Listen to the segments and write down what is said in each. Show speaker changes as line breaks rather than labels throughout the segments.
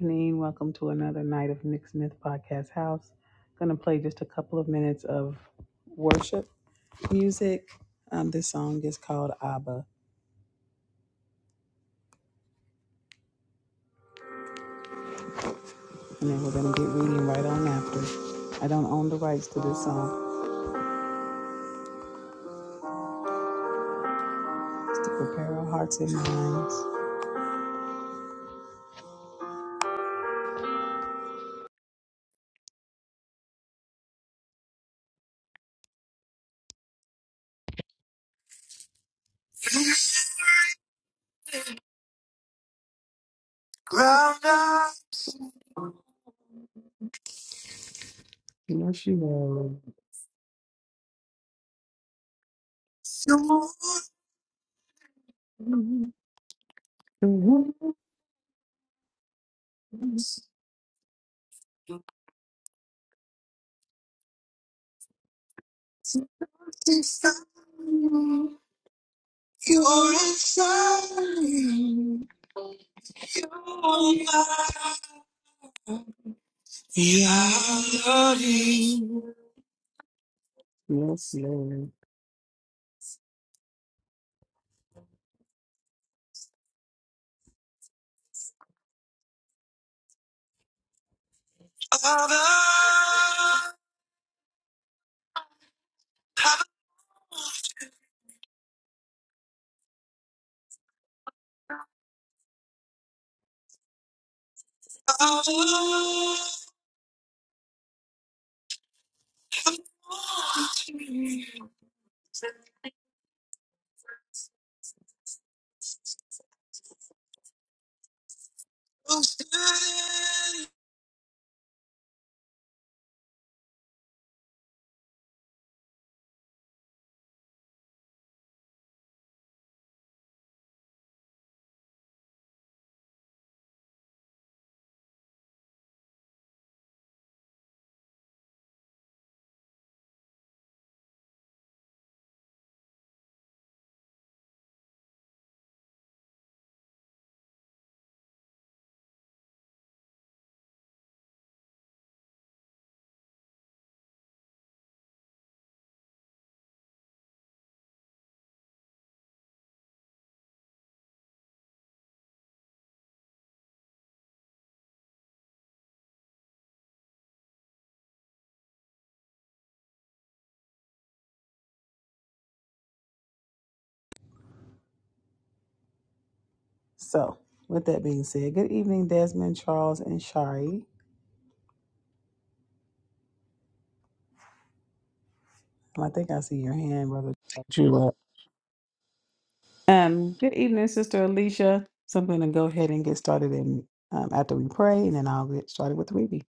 evening. Welcome to another night of Nick Smith Podcast House. Gonna play just a couple of minutes of worship music. Um, this song is called Abba, and then we're gonna get reading right on after. I don't own the rights to this song. It's to prepare our hearts and minds. Ground up. Yes, you will. Your wounds. Inside. me. You're inside. me. You're mine. Yeah, I love you. Yes, Lord. Father, have Father, have So, with that being said, good evening, Desmond, Charles, and Shari. I think I see your hand, brother. Jula. Um, good evening, Sister Alicia. So I'm going to go ahead and get started in, um, after we pray, and then I'll get started with the reading.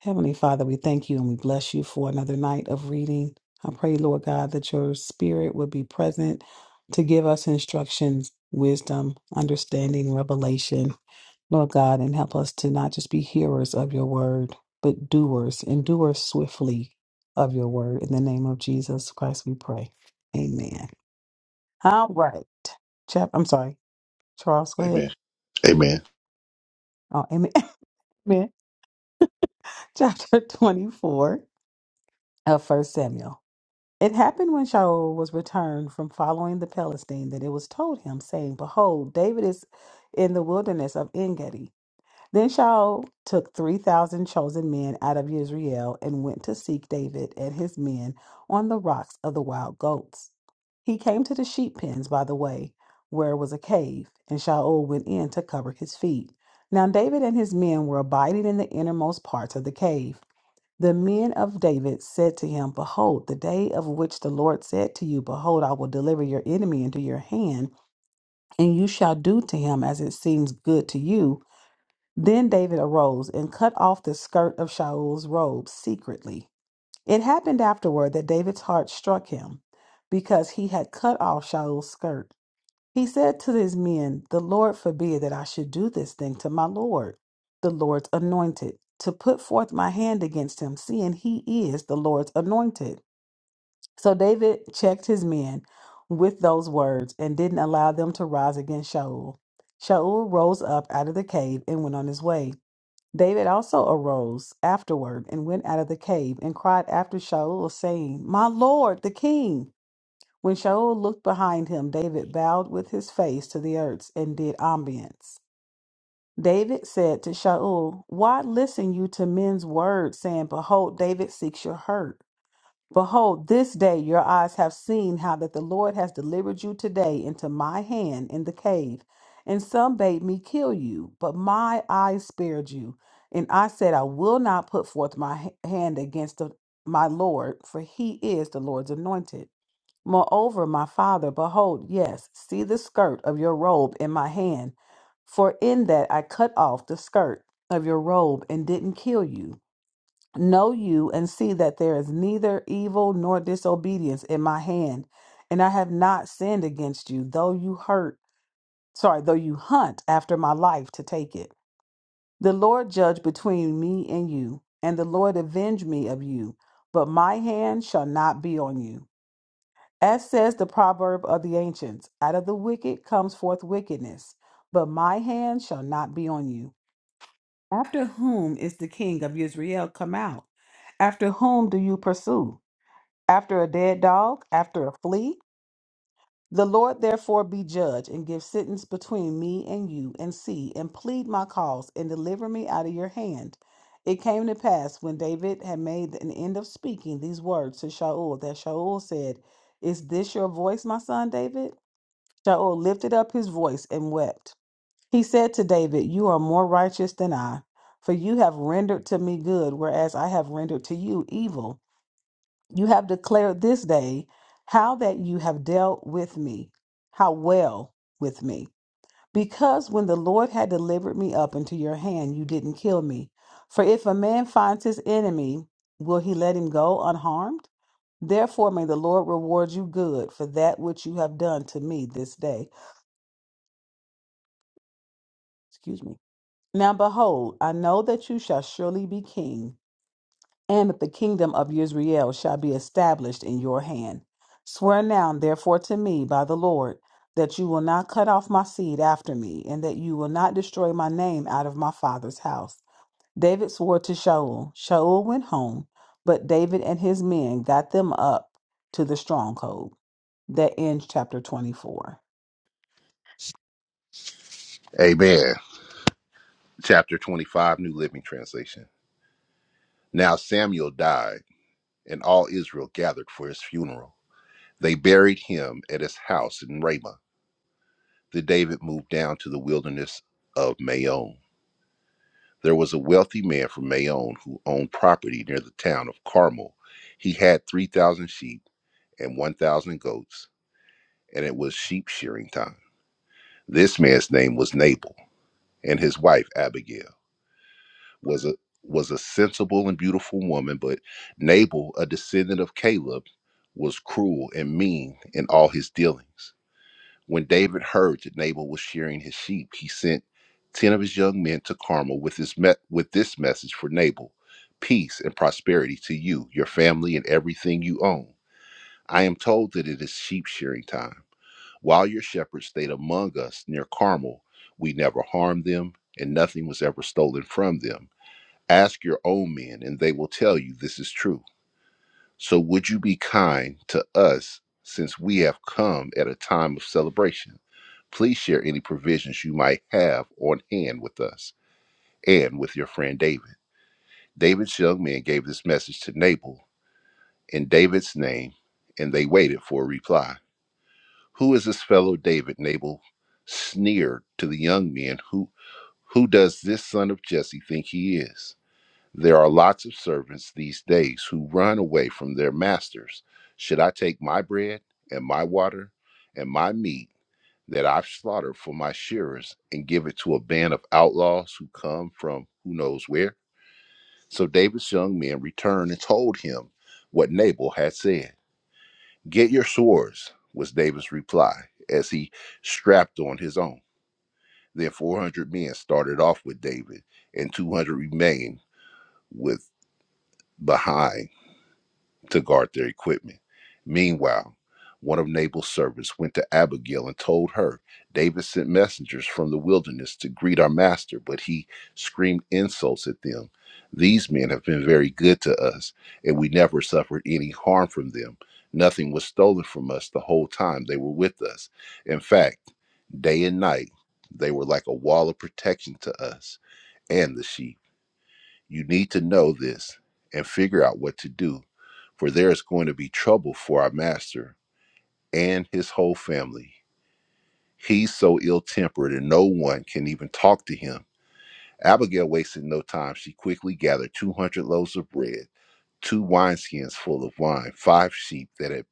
Heavenly Father, we thank you and we bless you for another night of reading. I pray, Lord God, that your spirit would be present to give us instructions, wisdom, understanding, revelation, Lord God, and help us to not just be hearers of your word, but doers and doers swiftly of your word. In the name of Jesus Christ, we pray. Amen. All right. Chap I'm sorry. Charles, go ahead.
Amen. Amen.
Oh, amen. Amen. Chapter 24 of First Samuel. It happened when Shaul was returned from following the Palestine that it was told him, saying, Behold, David is in the wilderness of Engedi. Then Shaul took 3,000 chosen men out of Israel and went to seek David and his men on the rocks of the wild goats. He came to the sheep pens by the way, where was a cave, and Shaul went in to cover his feet. Now David and his men were abiding in the innermost parts of the cave. The men of David said to him, Behold, the day of which the Lord said to you, Behold, I will deliver your enemy into your hand, and you shall do to him as it seems good to you. Then David arose and cut off the skirt of Shaul's robe secretly. It happened afterward that David's heart struck him because he had cut off Shaul's skirt. He said to his men, The Lord forbid that I should do this thing to my Lord, the Lord's anointed, to put forth my hand against him, seeing he is the Lord's anointed. So David checked his men with those words and didn't allow them to rise against Shaul. Shaul rose up out of the cave and went on his way. David also arose afterward and went out of the cave and cried after Shaul, saying, My Lord, the king. When Shaul looked behind him, David bowed with his face to the earth and did obeisance. David said to Shaul, Why listen you to men's words, Saying, 'Behold, David seeks your hurt? Behold, this day your eyes have seen how that the Lord has delivered you today into my hand in the cave. And some bade me kill you, but my eyes spared you. And I said, I will not put forth my ha- hand against the, my Lord, for he is the Lord's anointed. Moreover, my father, behold, yes, see the skirt of your robe in my hand, for in that I cut off the skirt of your robe and didn't kill you. Know you and see that there is neither evil nor disobedience in my hand, and I have not sinned against you, though you hurt, sorry, though you hunt after my life to take it. The Lord judge between me and you, and the Lord avenge me of you, but my hand shall not be on you. As says the proverb of the ancients, out of the wicked comes forth wickedness, but my hand shall not be on you. After whom is the king of Israel come out? After whom do you pursue? After a dead dog? After a flea? The Lord therefore be judge and give sentence between me and you, and see and plead my cause and deliver me out of your hand. It came to pass when David had made an end of speaking these words to Shaul that Shaul said, Is this your voice, my son David? Shaul lifted up his voice and wept. He said to David, You are more righteous than I, for you have rendered to me good, whereas I have rendered to you evil. You have declared this day how that you have dealt with me, how well with me. Because when the Lord had delivered me up into your hand, you didn't kill me. For if a man finds his enemy, will he let him go unharmed? Therefore, may the Lord reward you good for that which you have done to me this day. Excuse me. Now behold, I know that you shall surely be king, and that the kingdom of Israel shall be established in your hand. Swear now, therefore, to me by the Lord, that you will not cut off my seed after me, and that you will not destroy my name out of my father's house. David swore to Shaul. Shaul went home, but David and his men got them up to the stronghold. That ends chapter 24.
Amen. Chapter 25, New Living Translation. Now Samuel died, and all Israel gathered for his funeral. They buried him at his house in Ramah. Then David moved down to the wilderness of Maon. There was a wealthy man from Maon who owned property near the town of Carmel. He had 3,000 sheep and 1,000 goats, and it was sheep shearing time. This man's name was Nabal, and his wife Abigail. was a was a sensible and beautiful woman, but Nabal, a descendant of Caleb, was cruel and mean in all his dealings. When David heard that Nabal was shearing his sheep, he sent ten of his young men to Carmel with his me- with this message for Nabal: peace and prosperity to you, your family, and everything you own. I am told that it is sheep shearing time. While your shepherds stayed among us near Carmel, we never harmed them, and nothing was ever stolen from them Ask your own men, and they will tell you this is true. So would you be kind to us since we have come at a time of celebration? Please share any provisions you might have on hand with us and with your friend David. David's young men gave this message to Nabal in David's name, and they waited for a reply. Who is this fellow David? Nabal sneered to the young men. Who who does this son of Jesse think he is? There are lots of servants these days who run away from their masters. Should I take my bread and my water and my meat that I've slaughtered for my shearers and give it to a band of outlaws who come from who knows where? So David's young men returned and told him what Nabal had said. Get your swords, was David's reply as he strapped on his own. Then 400 men started off with David, and 200 remained with behind to guard their equipment. Meanwhile, one of Nabal's servants went to Abigail and told her, David sent messengers from the wilderness to greet our master, but he screamed insults at them. These men have been very good to us, and we never suffered any harm from them. Nothing was stolen from us the whole time they were with us. In fact, day and night, they were like a wall of protection to us and the sheep. You need to know this and figure out what to do, for there is going to be trouble for our master and his whole family. He's so ill tempered, and no one can even talk to him. Abigail wasted no time. She quickly gathered 200 loaves of bread, two wineskins full of wine, five sheep that had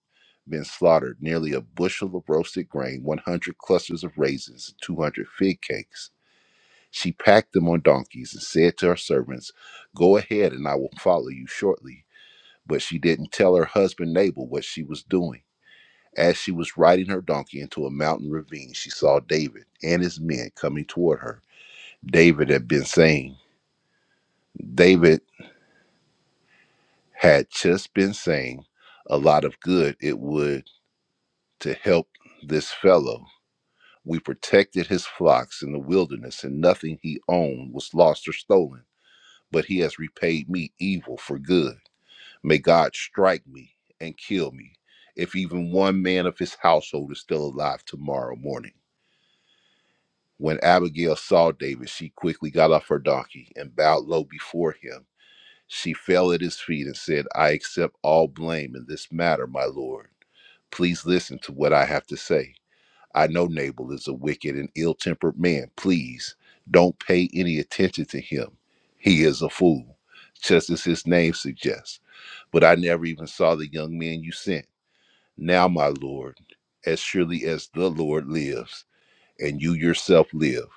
been slaughtered, nearly a bushel of roasted grain, 100 clusters of raisins, and 200 fig cakes. She packed them on donkeys and said to her servants, Go ahead, and I will follow you shortly. but she didn't tell her husband Nabal what she was doing. As she was riding her donkey into a mountain ravine, she saw David and his men coming toward her. David had been saying, David had just been saying a lot of good it would to help this fellow. We protected his flocks in the wilderness, and nothing he owned was lost or stolen. But he has repaid me evil for good. May God strike me and kill me if even one man of his household is still alive tomorrow morning. When Abigail saw David, she quickly got off her donkey and bowed low before him. She fell at his feet and said, I accept all blame in this matter, my lord. Please listen to what I have to say. I know Nabal is a wicked and ill tempered man. Please don't pay any attention to him. He is a fool, just as his name suggests. But I never even saw the young man you sent. Now, my Lord, as surely as the Lord lives, and you yourself live,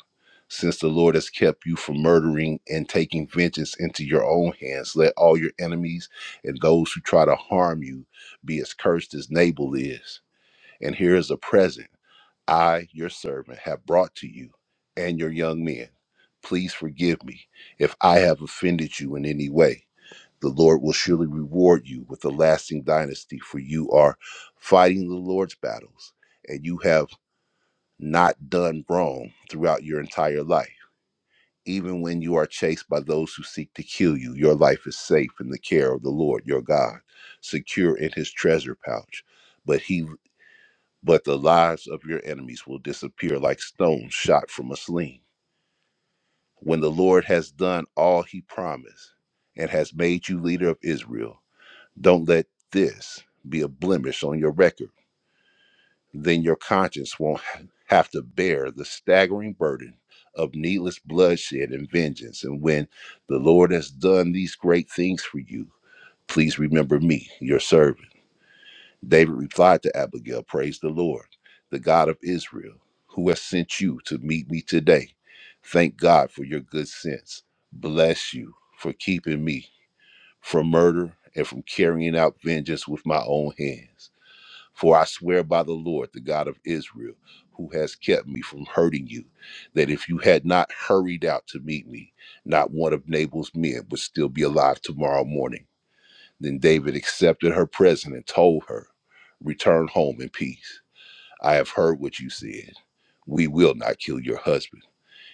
since the Lord has kept you from murdering and taking vengeance into your own hands, let all your enemies and those who try to harm you be as cursed as Nabal is. And here is a present I, your servant, have brought to you and your young men. Please forgive me if I have offended you in any way. The Lord will surely reward you with a lasting dynasty, for you are fighting the Lord's battles, and you have not done wrong throughout your entire life. Even when you are chased by those who seek to kill you, your life is safe in the care of the Lord your God, secure in his treasure pouch. But he but the lives of your enemies will disappear like stones shot from a sling. When the Lord has done all he promised and has made you leader of Israel, Don't let this be a blemish on your record. Then your conscience won't have to bear the staggering burden of needless bloodshed and vengeance. And when the Lord has done these great things for you, please remember me, your servant. David replied to Abigail, Praise the Lord, the God of Israel, who has sent you to meet me today. Thank God for your good sense. Bless you for keeping me from murder and from carrying out vengeance with my own hands. For I swear by the Lord, the God of Israel, who has kept me from hurting you, that if you had not hurried out to meet me, not one of Nabal's men would still be alive tomorrow morning. Then David accepted her present and told her, Return home in peace. I have heard what you said. We will not kill your husband.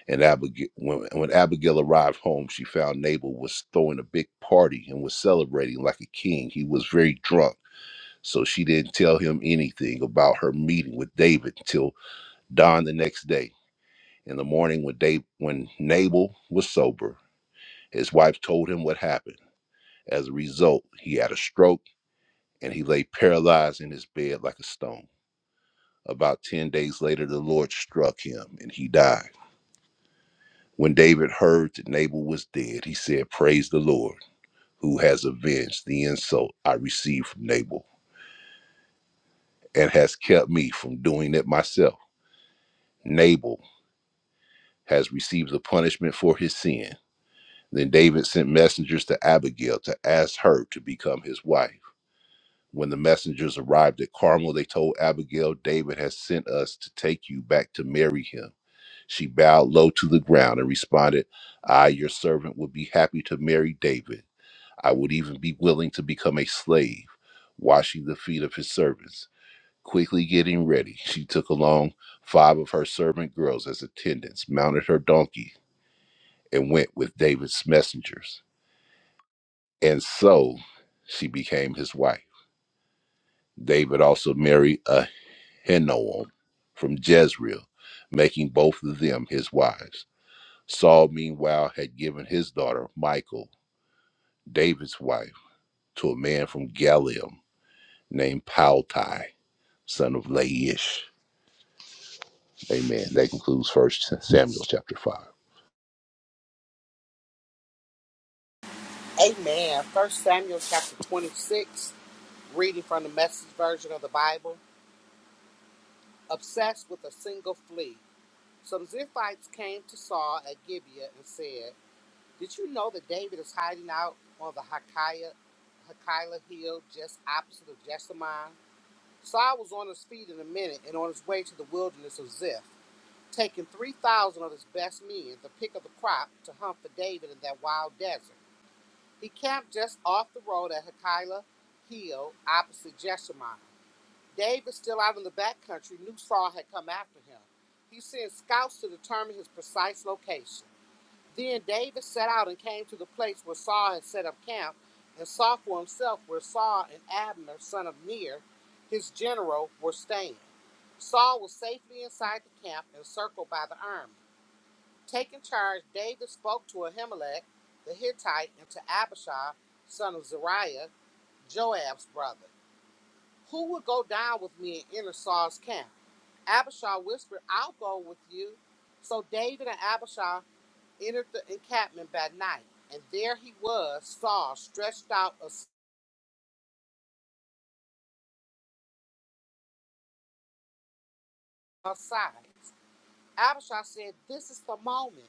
And Abigail, when, when Abigail arrived home, she found Nabal was throwing a big party and was celebrating like a king. He was very drunk so she didn't tell him anything about her meeting with David till dawn the next day. In the morning, when Dave, when Nabal was sober, his wife told him what happened. As a result, he had a stroke and he lay paralyzed in his bed like a stone. About ten days later, the Lord struck him and he died. When David heard that Nabal was dead, he said, "Praise the Lord, who has avenged the insult I received from Nabal and has kept me from doing it myself." Nabal has received the punishment for his sin. Then David sent messengers to Abigail to ask her to become his wife. When the messengers arrived at Carmel, they told Abigail, David has sent us to take you back to marry him. She bowed low to the ground and responded, I, your servant, would be happy to marry David. I would even be willing to become a slave, washing the feet of his servants. Quickly getting ready, she took along five of her servant girls as attendants, mounted her donkey, and went with David's messengers. And so she became his wife. David also married Ahinoam from Jezreel, making both of them his wives. Saul, meanwhile, had given his daughter, Michal, David's wife, to a man from Galilee named Paltai, son of Laish. Amen. That concludes First Samuel chapter 5.
Amen. First Samuel chapter 26, reading from the message version of the Bible. Obsessed with a single flea. Some Ziphites came to Saul at Gibeah and said, Did you know that David is hiding out on the Hakiah, Hakilah hill just opposite of Jessamine? Saul was on his feet in a minute and on his way to the wilderness of Ziph, taking 3,000 of his best men, the pick of the crop, to hunt for David in that wild desert. He camped just off the road at Hakila Hill, opposite Jeshimon. Dave is still out in the backcountry. New Saul had come after him. He sent scouts to determine his precise location. Then David set out and came to the place where Saul had set up camp and saw for himself where Saul and Abner, son of Ner, his general, were staying. Saul was safely inside the camp encircled by the army. Taking charge, David spoke to Ahimelech the Hittite and to Abishai, son of Zeruiah, Joab's brother, who would go down with me and enter Saul's camp. Abishai whispered, I'll go with you. So David and Abishai entered the encampment by night, and there he was, Saul, stretched out as- aside. Abishai said, This is the moment.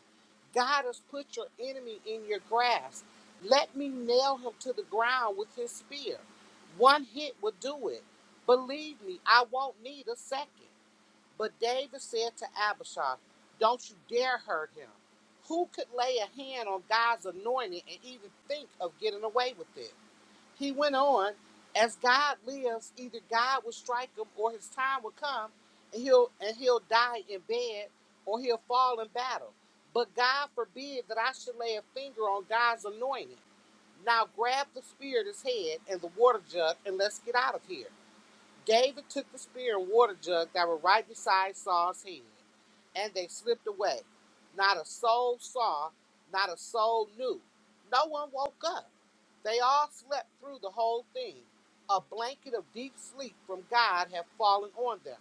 God has put your enemy in your grasp. Let me nail him to the ground with his spear. One hit would do it. Believe me, I won't need a second. But David said to Abishai, Don't you dare hurt him. Who could lay a hand on God's anointing and even think of getting away with it? he went on, as God lives, either God will strike him or his time will come and he'll and he'll die in bed or he'll fall in battle. But God forbid that I should lay a finger on God's anointing. Now grab the spear at his head and the water jug and let's get out of here. David took the spear and water jug that were right beside Saul's head, and they slipped away. Not a soul saw, not a soul knew. No one woke up. They all slept through the whole thing. A blanket of deep sleep from God had fallen on them.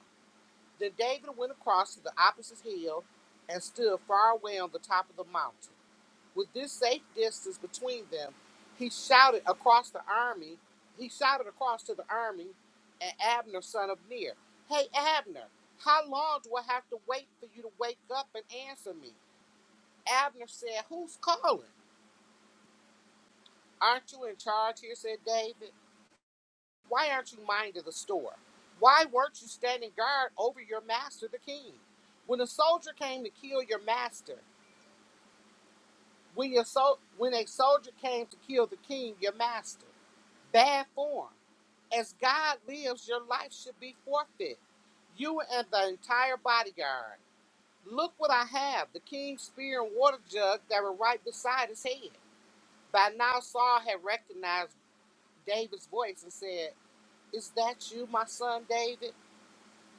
Then David went across to the opposite hill and stood far away on the top of the mountain. With this safe distance between them, he shouted across the army. He shouted across to the army and Abner, son of Ner, Hey, Abner, how long do I have to wait for you to wake up and answer me? Abner said, Who's calling? Aren't you in charge here? said David. Why aren't you minding the store? Why weren't you standing guard over your master, the king? When a soldier came to kill your master, when, your sol- when a soldier came to kill the king, your master. Bad form. As God lives, your life should be forfeit. You and the entire bodyguard. Look what I have the king's spear and water jug that were right beside his head. By now, Saul had recognized David's voice and said, Is that you, my son David?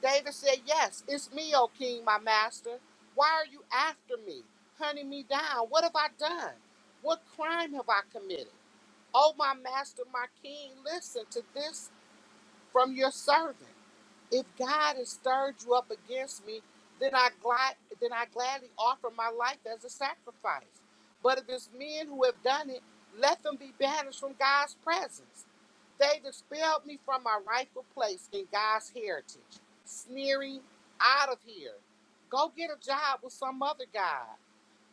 David said, Yes, it's me, O king, my master. Why are you after me, hunting me down? What have I done? What crime have I committed? Oh, my master, my king, listen to this from your servant. If God has stirred you up against me, then I glad then I gladly offer my life as a sacrifice. But if it's men who have done it, let them be banished from God's presence. They expelled me from my rightful place in God's heritage. Sneering, out of here. Go get a job with some other God.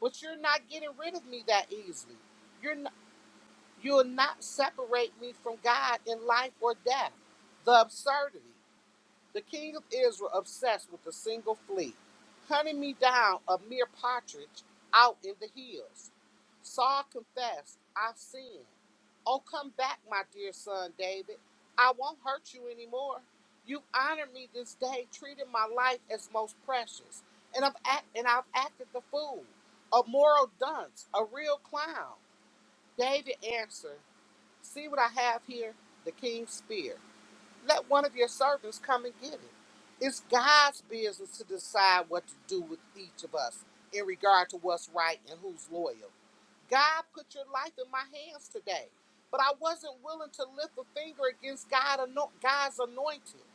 But you're not getting rid of me that easily. You're You'll not separate me from God in life or death. The absurdity. The king of Israel obsessed with a single flea, hunting me down a mere partridge out in the hills. Saul confessed, I've sinned. Oh, come back, my dear son David. I won't hurt you anymore. You've honored me this day, treated my life as most precious. And I've, act- and I've acted the fool, a moral dunce, a real clown. David answered. See what I have here? The king's spear. Let one of your servants come and get it. It's God's business to decide what to do with each of us in regard to what's right and who's loyal. God put your life in my hands today, but I wasn't willing to lift a finger against God, God's anointing.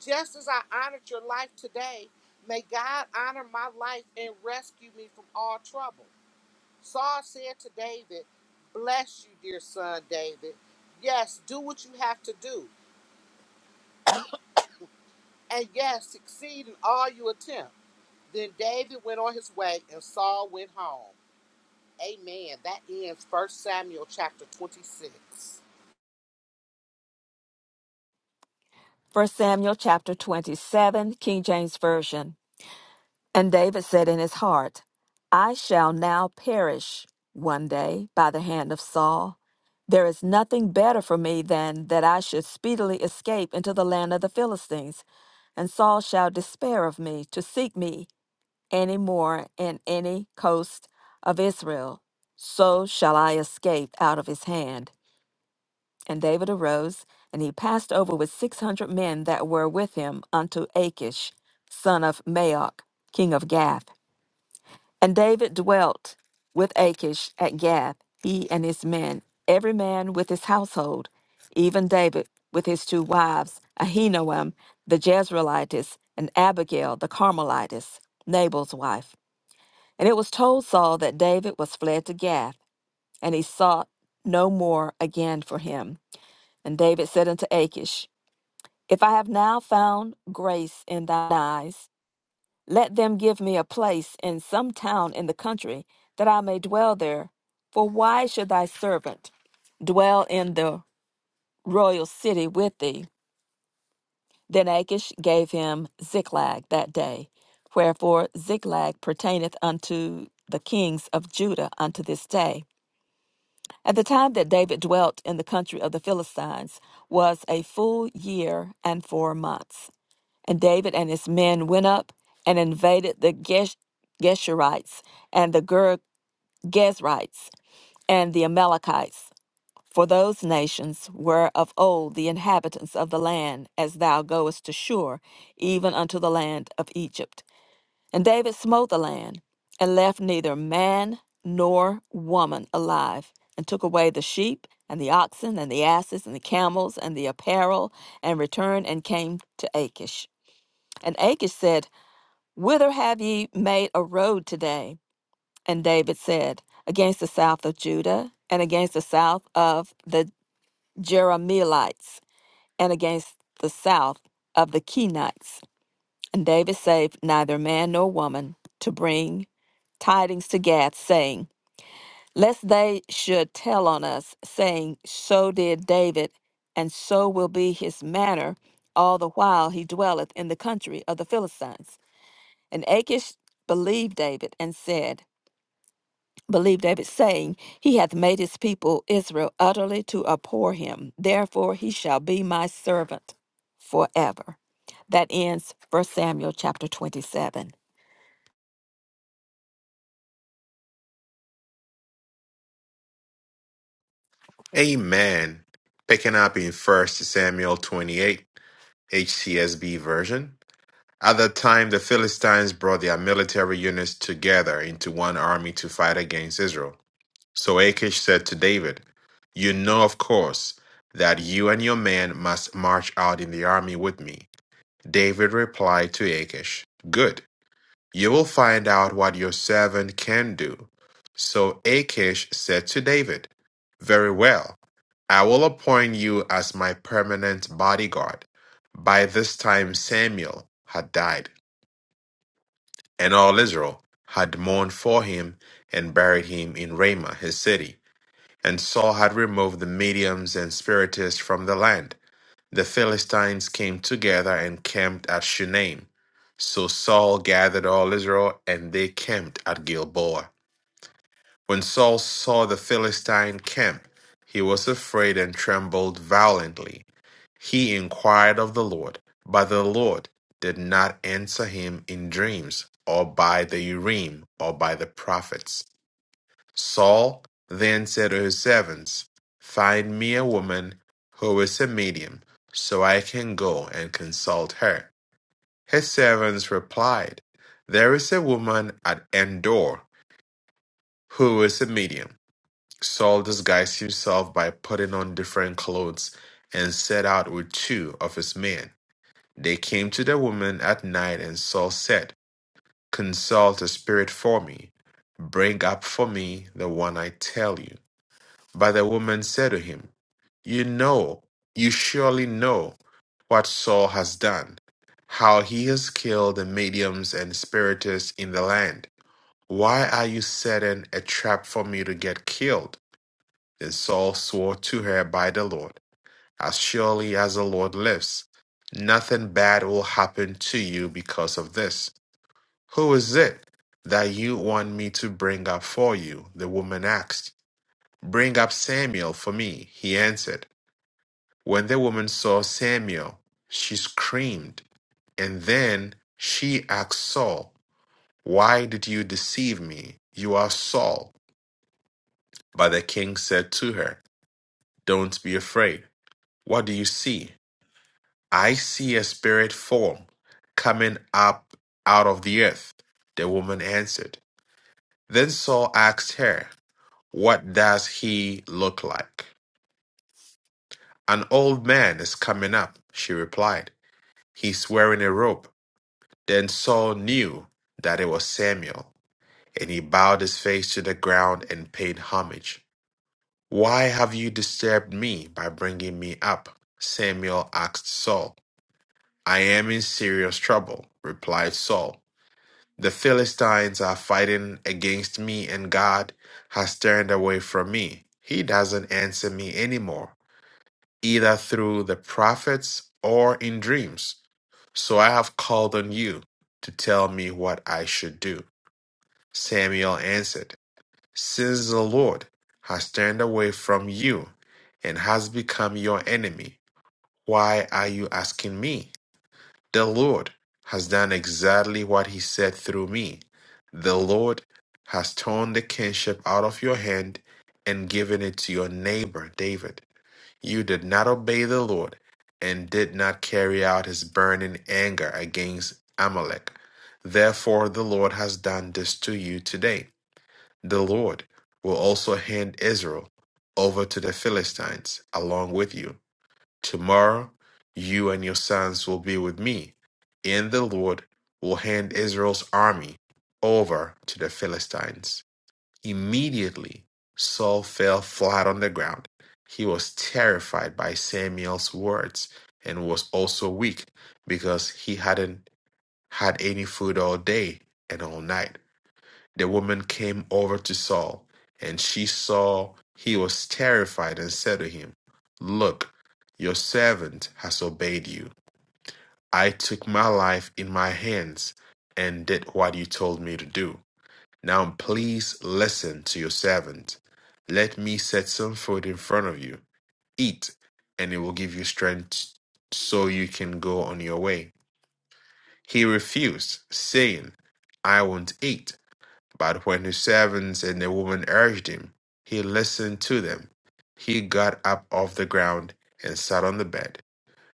Just as I honored your life today, may God honor my life and rescue me from all trouble. Saul said to David, Bless you, dear son David. Yes, do what you have to do, and yes, succeed in all you attempt. Then David went on his way, and Saul went home. Amen. That ends First Samuel chapter 26.
First Samuel chapter 27, King James Version. And David said in his heart, I shall now perish one day by the hand of Saul. There is nothing better for me than that I should speedily escape into the land of the Philistines, and Saul shall despair of me to seek me any more in any coast of Israel. So shall I escape out of his hand. And David arose, and he passed over with six hundred men that were with him unto Achish, son of Maok, king of Gath. And David dwelt with Achish at Gath, he and his men, every man with his household, even David with his two wives, Ahinoam the Jezreelitess, and Abigail the Carmelitess, Nabal's wife. And it was told Saul that David was fled to Gath, and he sought no more again for him. And David said unto Achish, If I have now found grace in thine eyes, let them give me a place in some town in the country, that I may dwell there. For why should thy servant dwell in the royal city with thee? Then Achish gave him Ziklag that day. Wherefore Ziklag pertaineth unto the kings of Judah unto this day. At the time that David dwelt in the country of the Philistines was a full year and four months. And David and his men went up and invaded the Gesh- Geshurites and the Ger- Gezrites and the Amalekites. For those nations were of old the inhabitants of the land, as thou goest to Shur, even unto the land of Egypt. And David smote the land, and left neither man nor woman alive, and took away the sheep, and the oxen, and the asses, and the camels, and the apparel, and returned and came to Achish. And Achish said, Whither have ye made a road today? And David said, Against the south of Judah, and against the south of the Jeremielites, and against the south of the Kenites. And David saved neither man nor woman to bring tidings to Gath, saying, Lest they should tell on us, saying, So did David, and so will be his manner all the while he dwelleth in the country of the Philistines. And Achish believed David and said, believe David, saying, He hath made his people Israel utterly to abhor him. Therefore he shall be my servant forever. That ends First Samuel chapter 27.
Amen. Picking up in First Samuel 28, HCSB version. At that time, the Philistines brought their military units together into one army to fight against Israel. So Achish said to David, You know, of course, that you and your men must march out in the army with me. David replied to Achish, Good. You will find out what your servant can do. So Achish said to David, Very well, I will appoint you as my permanent bodyguard. By this time, Samuel had died, and all Israel had mourned for him and buried him in Ramah, his city. And Saul had removed the mediums and spiritists from the land the Philistines came together and camped at Shunem. So Saul gathered all Israel, and they camped at Gilboa. When Saul saw the Philistine camp, he was afraid and trembled violently. He inquired of the Lord, but the Lord did not answer him in dreams, or by the Urim, or by the prophets. Saul then said to his servants, Find me a woman who is a medium, so I can go and consult her. His servants replied, There is a woman at Endor who is a medium. Saul disguised himself by putting on different clothes and set out with two of his men. They came to the woman at night, and Saul said, Consult a spirit for me. Bring up for me the one I tell you. But the woman said to him, You know, you surely know what Saul has done, how he has killed the mediums and spiritists in the land. Why are you setting a trap for me to get killed? Then Saul swore to her by the Lord, As surely as the Lord lives, nothing bad will happen to you because of this. Who is it that you want me to bring up for you? The woman asked. Bring up Samuel for me, he answered. When the woman saw Samuel, she screamed, and then she asked Saul, Why did you deceive me? You are Saul. But the king said to her, Don't be afraid. What do you see? I see a spirit form coming up out of the earth. The woman answered. Then Saul asked her, What does he look like? An old man is coming up, she replied. He swearing a rope. Then Saul knew that it was Samuel, and he bowed his face to the ground and paid homage. Why have you disturbed me by bringing me up? Samuel asked Saul. I am in serious trouble, replied Saul. The Philistines are fighting against me, and God has turned away from me. He doesn't answer me anymore. either through the prophets or in dreams. So I have called on you to tell me what I should do. Samuel answered, Since the Lord has turned away from you and has become your enemy, why are you asking me? The Lord has done exactly what he said through me. The Lord has torn the kingship out of your hand and given it to your neighbor David. You did not obey the Lord and did not carry out his burning anger against Amalek. Therefore, the Lord has done this to you today. The Lord will also hand Israel over to the Philistines along with you. Tomorrow, you and your sons will be with me, and the Lord will hand Israel's army over to the Philistines. Immediately, Saul fell flat on the ground. He was terrified by Samuel's words and was also weak because he hadn't had any food all day and all night. The woman came over to Saul and she saw he was terrified and said to him, Look, your servant has obeyed you. I took my life in my hands and did what you told me to do. Now please listen to your servant. Let me set some food in front of you. Eat, and it will give you strength so you can go on your way. He refused, saying, I won't eat. But when his servants and the woman urged him, he listened to them. He got up off the ground and sat on the bed.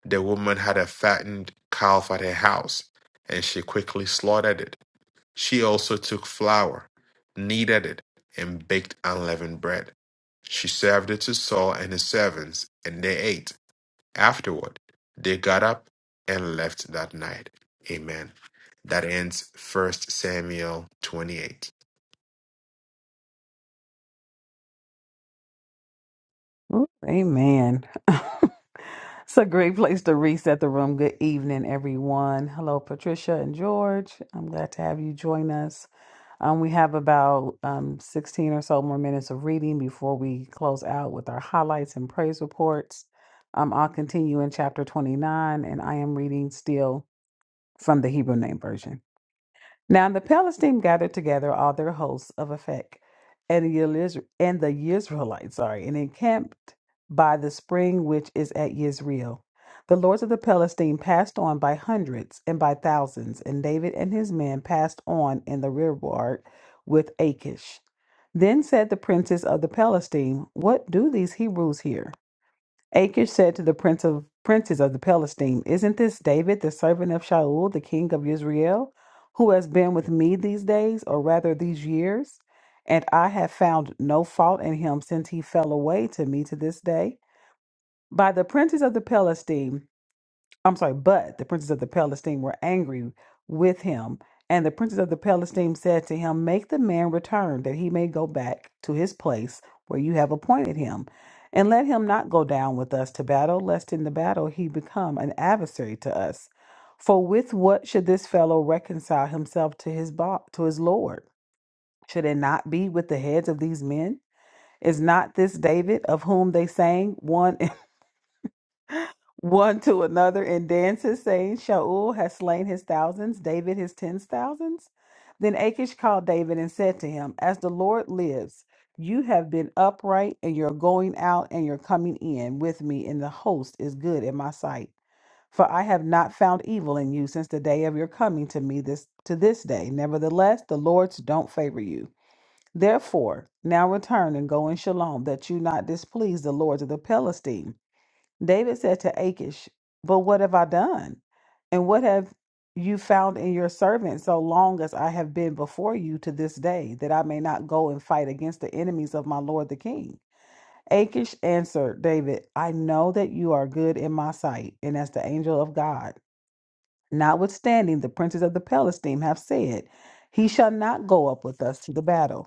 The woman had a fattened calf at her house, and she quickly slaughtered it she also took flour, kneaded it, and baked unleavened bread. She served it to Saul and his servants, and they ate. Afterward, they got up and left that night. Amen. That ends First Samuel 28.
Ooh, Amen. it's a great place to reset the room. Good evening, everyone. Hello, Patricia and George. I'm glad to have you join us. Um, we have about um, 16 or so more minutes of reading before we close out with our highlights and praise reports. Um, I'll continue in chapter 29, and I am reading still from the Hebrew Name Version. Now the Palestine gathered together all their hosts of Aphek and the Eliz- and the Israelites, sorry, and encamped by the spring which is at Yisreel. The lords of the Palestine passed on by hundreds and by thousands, and David and his men passed on in the rearward with Achish. Then said the princes of the Palestine, What do these Hebrews here? Achish said to the prince of princes of the Palestine, Isn't this David, the servant of Shaul, the king of Israel, who has been with me these days, or rather these years? And I have found no fault in him since he fell away to me to this day. By the princes of the Palestine. I'm sorry, but the princes of the Palestine were angry with him. And the princes of the Palestine said to him, Make the man return, that he may go back to his place where you have appointed him. And let him not go down with us to battle, lest in the battle he become an adversary to us. For with what should this fellow reconcile himself to his bo- to his lord? Should it not be with the heads of these men? Is not this David of whom they sang one? one to another in dances, saying, Shaul has slain his thousands, David his tens thousands. Then Achish called David and said to him, As the Lord lives, you have been upright, and your going out and your coming in with me in the host is good in my sight. For I have not found evil in you since the day of your coming to me this to this day. Nevertheless, the Lord's don't favor you. Therefore, now return and go in shalom, that you not displease the lords of the Palestine David said to Achish, But what have I done? And what have you found in your servant so long as I have been before you to this day, that I may not go and fight against the enemies of my lord the king? Achish answered David, I know that you are good in my sight, and as the angel of God. Notwithstanding, the princes of the Palestine have said, He shall not go up with us to the battle.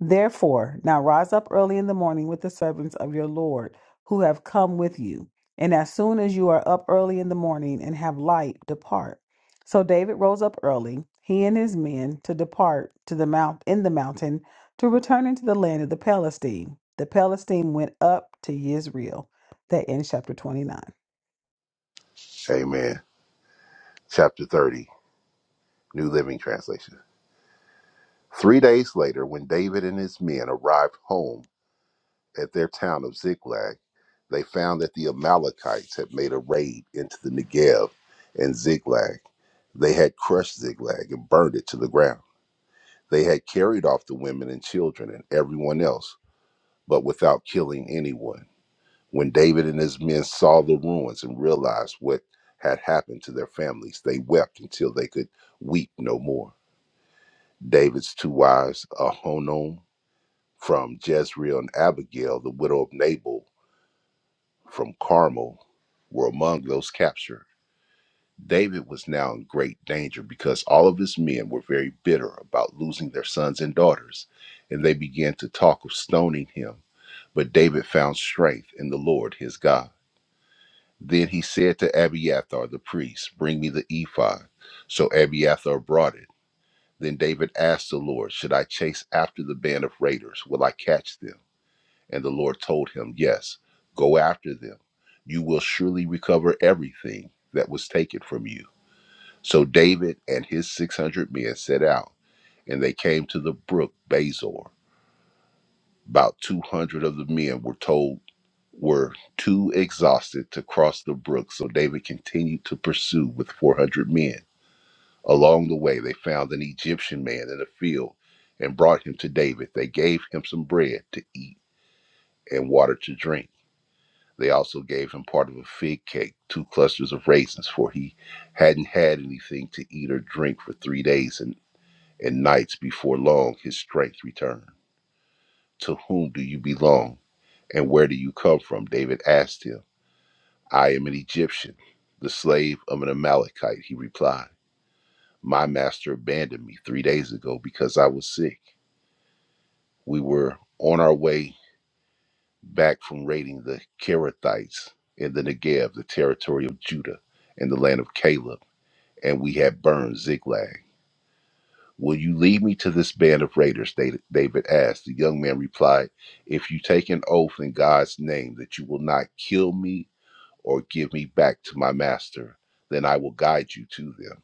Therefore, now rise up early in the morning with the servants of your Lord who have come with you. And as soon as you are up early in the morning and have light, depart. So David rose up early, he and his men, to depart to the mount in the mountain to return into the land of the Palestine. The Palestine went up to Yisrael. That ends chapter 29.
Amen. Chapter 30, New Living Translation. Three days later, when David and his men arrived home, at their town of Ziklag, they found that the Amalekites had made a raid into the Negev and Ziklag. They had crushed Ziklag and burned it to the ground. They had carried off the women and children and everyone else, but without killing anyone. When David and his men saw the ruins and realized what had happened to their families, they wept until they could weep no more. David's two wives, Ahonom from Jezreel and Abigail, the widow of Nabal, from Carmel were among those captured. David was now in great danger because all of his men were very bitter about losing their sons and daughters, and they began to talk of stoning him. But David found strength in the Lord his God. Then he said to Abiathar the priest, Bring me the ephod. So Abiathar brought it. Then David asked the Lord, Should I chase after the band of raiders? Will I catch them? And the Lord told him, Yes, go after them. You will surely recover everything that was taken from you. So David and his 600 men set out, and they came to the brook Bazor. About 200 of the men were told were too exhausted to cross the brook, so David continued to pursue with 400 men. Along the way, they found an Egyptian man in a field and brought him to David. They gave him some bread to eat and water to drink. They also gave him part of a fig cake, two clusters of raisins, for he hadn't had anything to eat or drink for three days and, and nights. Before long, his strength returned. To whom do you belong, and where do you come from? David asked him. I am an Egyptian, the slave of an Amalekite, he replied. My master abandoned me three days ago because I was sick. We were on our way back from raiding the Kerethites in the Negev, the territory of Judah, in the land of Caleb. and we had burned Ziklag. Will you lead me to this band of raiders? David asked. The young man replied, If you take an oath in God's name that you will not kill me or give me back to my master, then I will guide you to them.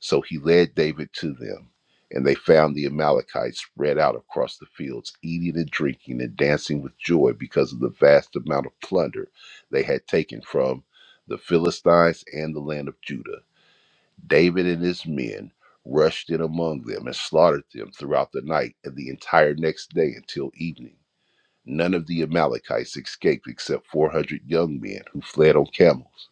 So he led David to them, and they found the Amalekites spread out across the fields, eating and drinking and dancing with joy because of the vast amount of plunder they had taken from the Philistines and the land of Judah. David and his men rushed in among them and slaughtered them throughout the night and the entire next day until evening. None of the Amalekites escaped except 400 young men who fled on camels.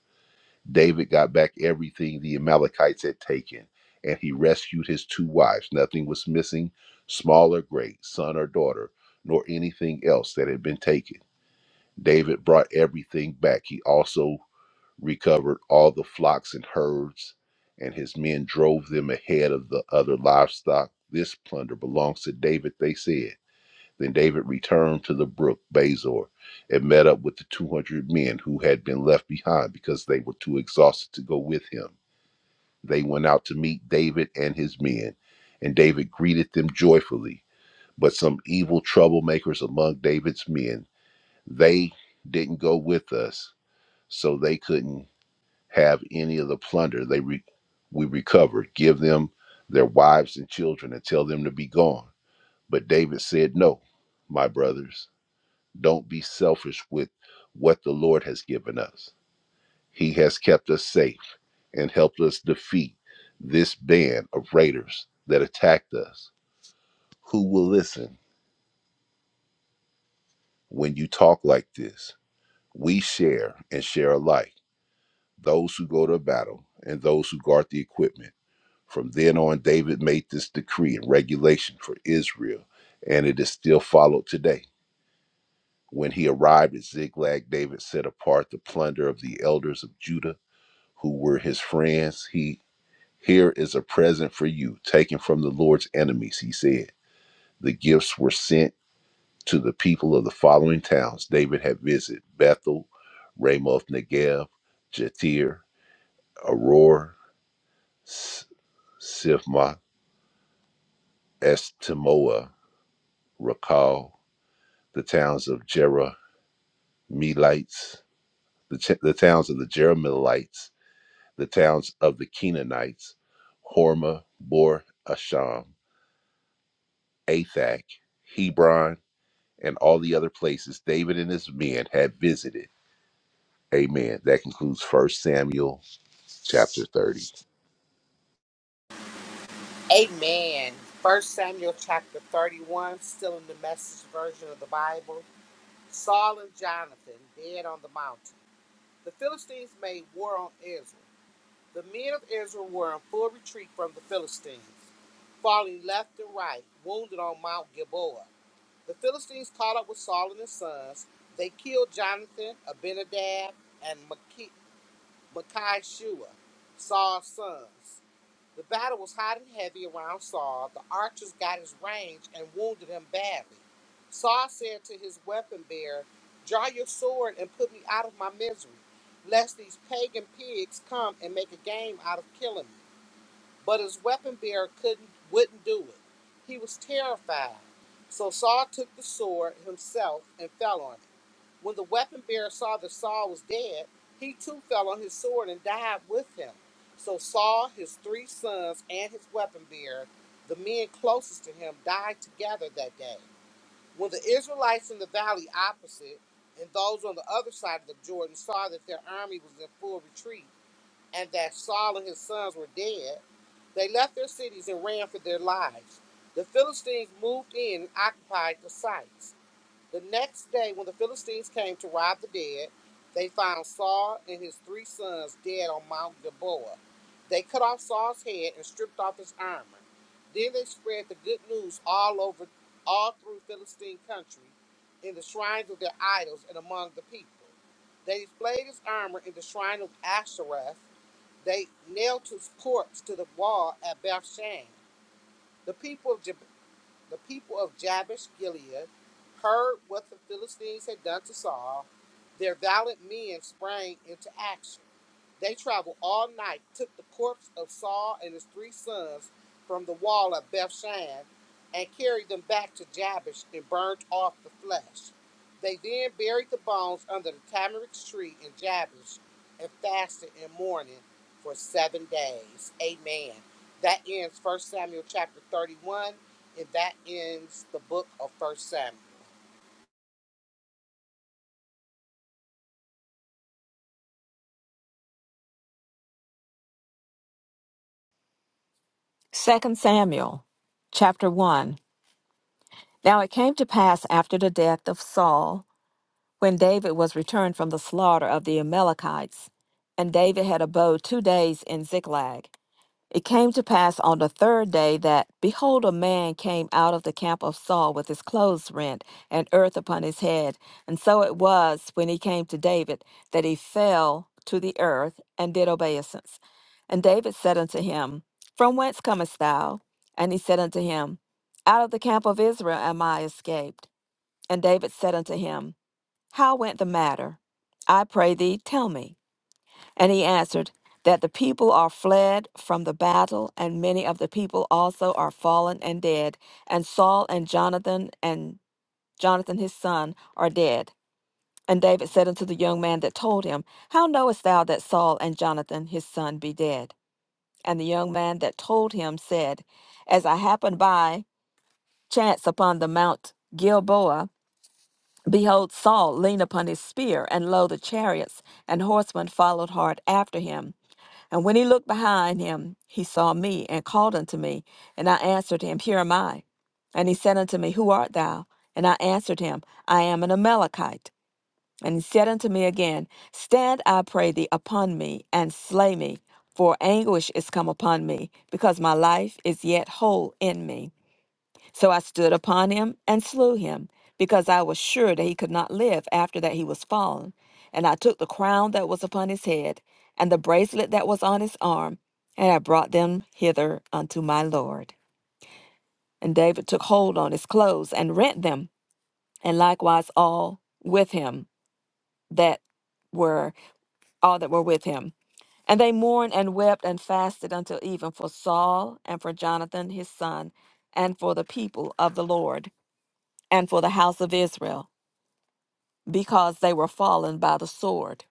David got back everything the Amalekites had taken, and he rescued his two wives. Nothing was missing, small or great, son or daughter, nor anything else that had been taken. David brought everything back. He also recovered all the flocks and herds, and his men drove them ahead of the other livestock. This plunder belongs to David, they said. Then David returned to the brook Bazor and met up with the 200 men who had been left behind because they were too exhausted to go with him. They went out to meet David and his men, and David greeted them joyfully. But some evil troublemakers among David's men, they didn't go with us, so they couldn't have any of the plunder they re- we recovered. Give them their wives and children and tell them to be gone. But David said, No, my brothers, don't be selfish with what the Lord has given us. He has kept us safe and helped us defeat this band of raiders that attacked us. Who will listen when you talk like this? We share and share alike, those who go to battle and those who guard the equipment From then on, David made this decree and regulation for Israel, and it is still followed today. When he arrived at Ziklag, David set apart the plunder of the elders of Judah, who were his friends. He here is a present for you, taken from the Lord's enemies, he said. The gifts were sent to the people of the following towns David had visited Bethel, Ramoth Negev, Jatir, Aror, S- Sifma, Estimoa, Rakal, the towns of Jerahmeelites, the, ch- the towns of the Jerahmeelites, the towns of the Canaanites, Hormah, Bor Asham, Athak, Hebron, and all the other places David and his men had visited. Amen. That concludes First Samuel chapter 30.
Amen. First Samuel chapter 31, still in the message version of the Bible. Saul and Jonathan dead on the mountain. The Philistines made war on Israel. The men of Israel were in full retreat from the Philistines, falling left and right, wounded on Mount Gilboa. The Philistines caught up with Saul and his sons. They killed Jonathan, Abinadab, and Maki- Micah Shua, Saul's sons. The battle was hot and heavy around Saul. The archers got his range and wounded him badly. Saul said to his weapon bearer, Draw your sword and put me out of my misery, lest these pagan pigs come and make a game out of killing me. But his weapon bearer couldn't wouldn't do it. He was terrified. So Saul took the sword himself and fell on him. When the weapon bearer saw that Saul was dead, he too fell on his sword and died with him. So Saul, his three sons, and his weapon bearer, the men closest to him, died together that day. When the Israelites in the valley opposite and those on the other side of the Jordan saw that their army was in full retreat and that Saul and his sons were dead, they left their cities and ran for their lives. The Philistines moved in and occupied the sites. The next day, when the Philistines came to rob the dead, they found Saul and his three sons dead on Mount Gilboa. They cut off Saul's head and stripped off his armor. Then they spread the good news all over, all through Philistine country, in the shrines of their idols and among the people. They displayed his armor in the shrine of Ashtoreth. They nailed his corpse to the wall at Bethshan. The people of the people of Jabesh Gilead heard what the Philistines had done to Saul, their valiant men sprang into action. They traveled all night, took the corpse of Saul and his three sons from the wall of Bethshan, and carried them back to Jabesh and burnt off the flesh. They then buried the bones under the tamarisk tree in Jabesh and fasted in mourning for seven days. Amen. That ends First Samuel chapter 31, and that ends the book of First Samuel.
Second Samuel chapter 1. Now it came to pass after the death of Saul, when David was returned from the slaughter of the Amalekites, and David had abode two days in Ziklag. It came to pass on the third day that, behold, a man came out of the camp of Saul with his clothes rent and earth upon his head. And so it was when he came to David that he fell to the earth and did obeisance. And David said unto him, From whence comest thou? And he said unto him, Out of the camp of Israel am I escaped. And David said unto him, How went the matter? I pray thee, tell me. And he answered, That the people are fled from the battle, and many of the people also are fallen and dead, and Saul and Jonathan and Jonathan his son are dead. And David said unto the young man that told him, How knowest thou that Saul and Jonathan his son be dead? And the young man that told him said, As I happened by chance upon the mount Gilboa, behold, Saul leaned upon his spear, and lo, the chariots and horsemen followed hard after him. And when he looked behind him, he saw me and called unto me. And I answered him, Here am I. And he said unto me, Who art thou? And I answered him, I am an Amalekite. And he said unto me again, Stand, I pray thee, upon me and slay me, for anguish is come upon me, because my life is yet whole in me. So I stood upon him and slew him, because I was sure that he could not live after that he was fallen. And I took the crown that was upon his head, and the bracelet that was on his arm, and I brought them hither unto my Lord. And David took hold on his clothes and rent them, and likewise all with him that were all that were with him. And they mourned and wept and fasted until even for Saul and for Jonathan his son, and for the people of the Lord. and for the house of Israel, because they were fallen by the sword.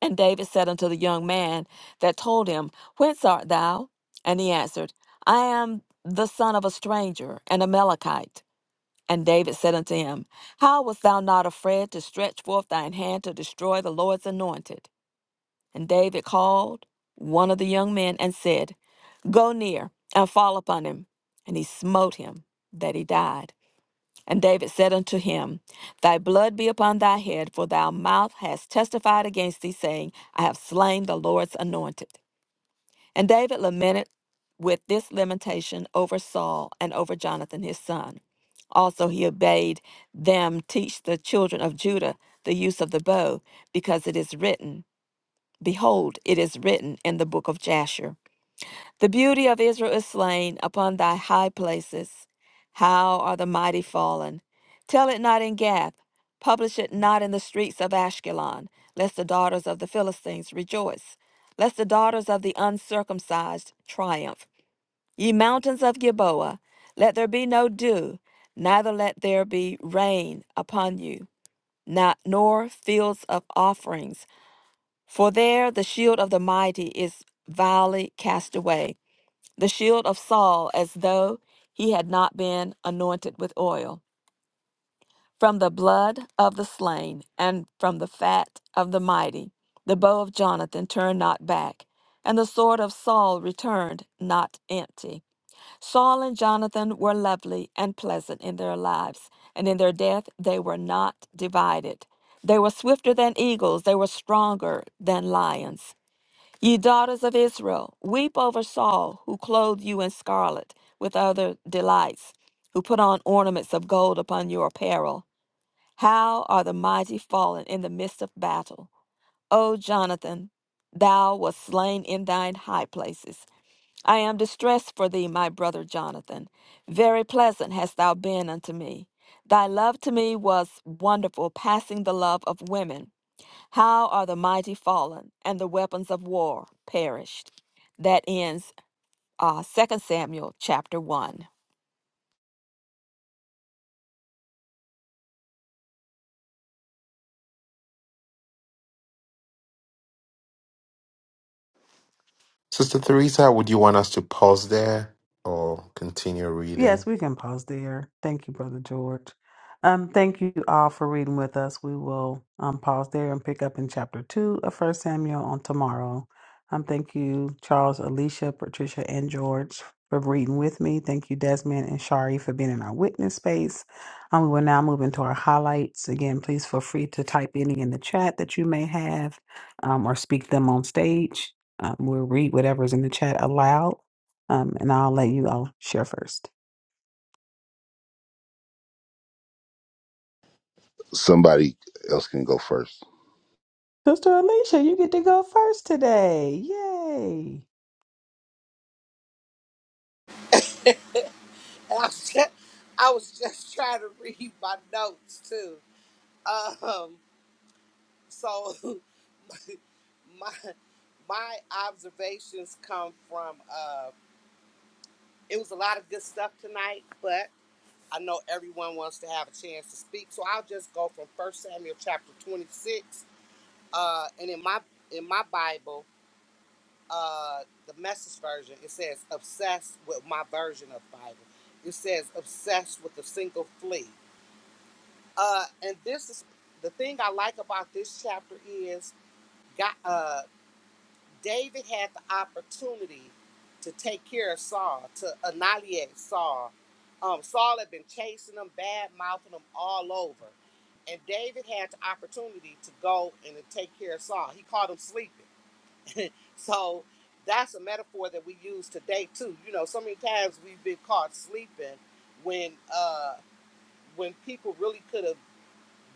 And David said unto the young man that told him, Whence art thou? And he answered, I am the son of a stranger, an Amalekite. And David said unto him, How wast thou not afraid to stretch forth thine hand to destroy the Lord's anointed? And David called one of the young men and said, Go near and fall upon him. And he smote him that he died. And David said unto him, Thy blood be upon thy head, for thy mouth has testified against thee, saying, I have slain the Lord's anointed. And David lamented with this lamentation over Saul and over Jonathan his son. Also he bade them teach the children of Judah the use of the bow, because it is written, Behold, it is written in the book of Jasher. The beauty of Israel is slain upon thy high places. How are the mighty fallen? Tell it not in Gath, publish it not in the streets of Ashkelon, lest the daughters of the Philistines rejoice, lest the daughters of the uncircumcised triumph. Ye mountains of Gilboa, let there be no dew, neither let there be rain upon you, not, nor fields of offerings, for there the shield of the mighty is vilely cast away the shield of Saul as though he had not been anointed with oil. From the blood of the slain and from the fat of the mighty, the bow of Jonathan turned not back, and the sword of Saul returned not empty. Saul and Jonathan were lovely and pleasant in their lives, and in their death they were not divided. They were swifter than eagles, they were stronger than lions. Ye daughters of Israel, weep over Saul, who clothed you in scarlet with other delights, who put on ornaments of gold upon your apparel. How are the mighty fallen in the midst of battle? O Jonathan, thou wast slain in thine high places. I am distressed for thee, my brother Jonathan. Very pleasant hast thou been unto me. Thy love to me was wonderful, passing the love of women. How are the mighty fallen and the weapons of war perished? That ends uh, Second Samuel chapter 1.
Sister Theresa, would you want us to pause there or continue
Yes,
reading?
we can pause there. Thank you, Brother George. Um, thank you all for reading with us. We will um, pause there and pick up in chapter two of First Samuel on tomorrow. Um, thank you, Charles, Alicia, Patricia, and George for reading with me. Thank you, Desmond and Shari, for being in our witness space. Um, we will now move into our highlights. Again, please feel free to type any in the chat that you may have um, or speak them on stage. Um, we'll read whatever's in the chat aloud, um, and I'll let you all share first.
Somebody else can go first.
Sister Alicia, you get to go first today. Yay.
And I was just, I was just trying to read my notes too. So my my observations come from uh it was a lot of good stuff tonight, but. I know everyone wants to have a chance to speak, so I'll just go from First Samuel chapter 26. Uh, and in my in my Bible, uh, the Message version, it says obsessed with my version of Bible. It says obsessed with a single flea. Uh, and this is the thing I like about this chapter is God. Uh, David had the opportunity to take care of Saul, to annihilate Saul. Um, Saul had been chasing him, bad mouthing him all over. And David had the opportunity to go and to take care of Saul. He called him sleeping. So that's a metaphor that we use today too. You know, so many times we've been caught sleeping when uh when people really could have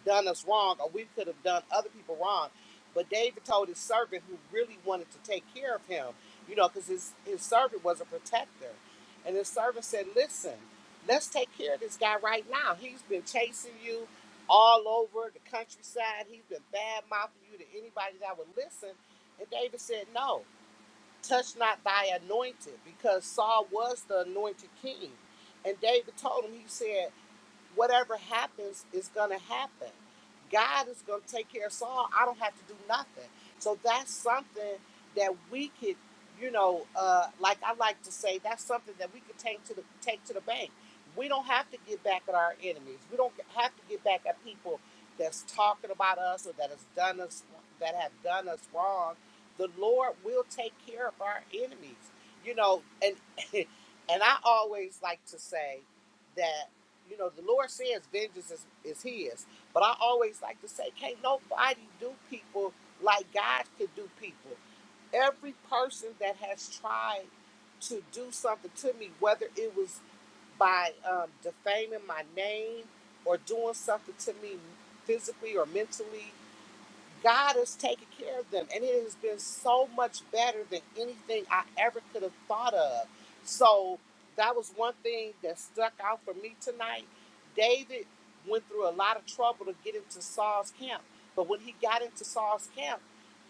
done us wrong or we could have done other people wrong. But David told his servant who really wanted to take care of him, you know, because his, his servant was a protector. And his servant said, Listen, let's take care of this guy right now. He's been chasing you all over the countryside. He's been bad mouthing you to anybody that would listen. And David said, No, touch not thy anointed, because Saul was the anointed king. And David told him, He said, whatever happens is going to happen. God is going to take care of Saul. I don't have to do nothing. So that's something that we could, you know, uh, like I like to say, that's something that we could take to the take to the bank. We don't have to get back at our enemies. We don't have to get back at people that's talking about us or that has done us that have done us wrong. The Lord will take care of our enemies. You know, and and I always like to say that you know, the Lord says vengeance is, is his. But I always like to say, can't nobody do people like God could do people. Every person that has tried to do something to me, whether it was by um, defaming my name or doing something to me physically or mentally God has taken care of them, and it has been so much better than anything I ever could have thought of. So that was one thing that stuck out for me tonight. David went through a lot of trouble to get into Saul's camp, but when he got into Saul's camp,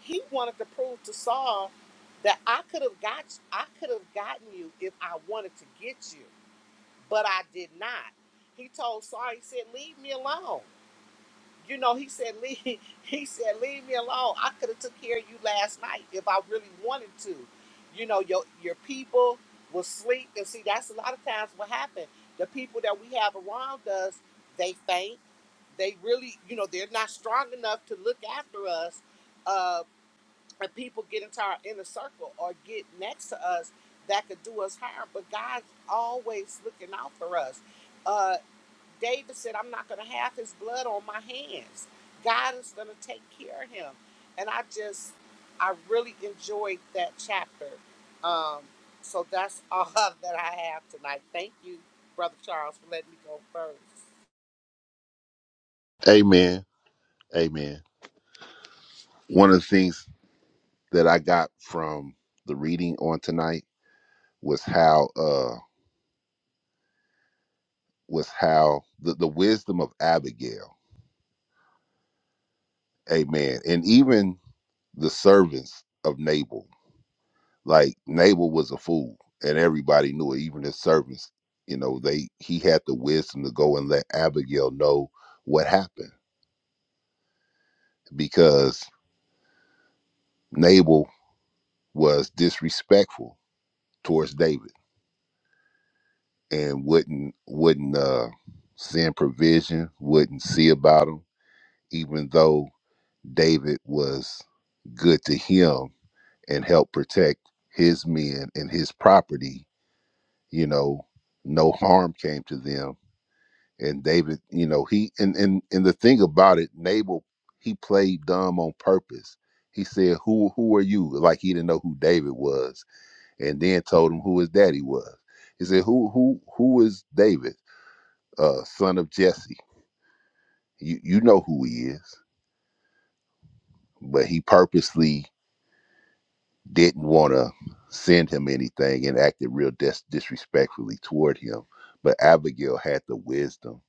he wanted to prove to Saul that I could have got I could have gotten you if I wanted to get you, but I did not. He told Saul, he said, "Leave me alone." you know, he said, leave, he said, leave me alone. I could have took care of you last night if I really wanted to. You know, your your people will sleep. And see, that's a lot of times what happens. The people that we have around us, they faint. They really, you know, they're not strong enough to look after us. Uh, and people get into our inner circle or get next to us that could do us harm. But God's always looking out for us. Uh, David said, I'm not going to have his blood on my hands. God is going to take care of him. And I just, I really enjoyed that chapter. Um, so that's all that I have tonight. Thank you, Brother Charles, for letting me go first.
Amen. Amen. One of the things that I got from the reading on tonight was how uh was how the, the wisdom of Abigail, amen, and even the servants of Nabal. Like Nabal was a fool, and everybody knew it, even his servants. You know, they he had the wisdom to go and let Abigail know what happened because Nabal was disrespectful towards David and wouldn't wouldn't uh, send provision, wouldn't see about him, even though David was good to him and help protect his men and his property you know no harm came to them and david you know he and and, and the thing about it nabal he played dumb on purpose he said who who are you like he didn't know who david was and then told him who his daddy was he said who who who is david uh son of jesse you you know who he is but he purposely didn't want to send him anything and acted real dis- disrespectfully toward him. But Abigail had the wisdom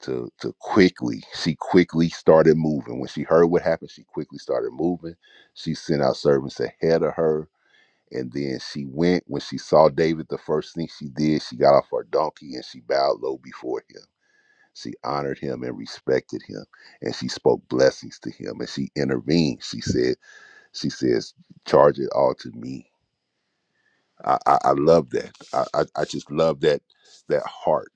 to to quickly. She quickly started moving. When she heard what happened, she quickly started moving. She sent out servants ahead of her. And then she went. When she saw David, the first thing she did, she got off her donkey and she bowed low before him. She honored him and respected him. And she spoke blessings to him. And she intervened. She said, She says, charge it all to me I, I, I love that. I, I, I just love that that heart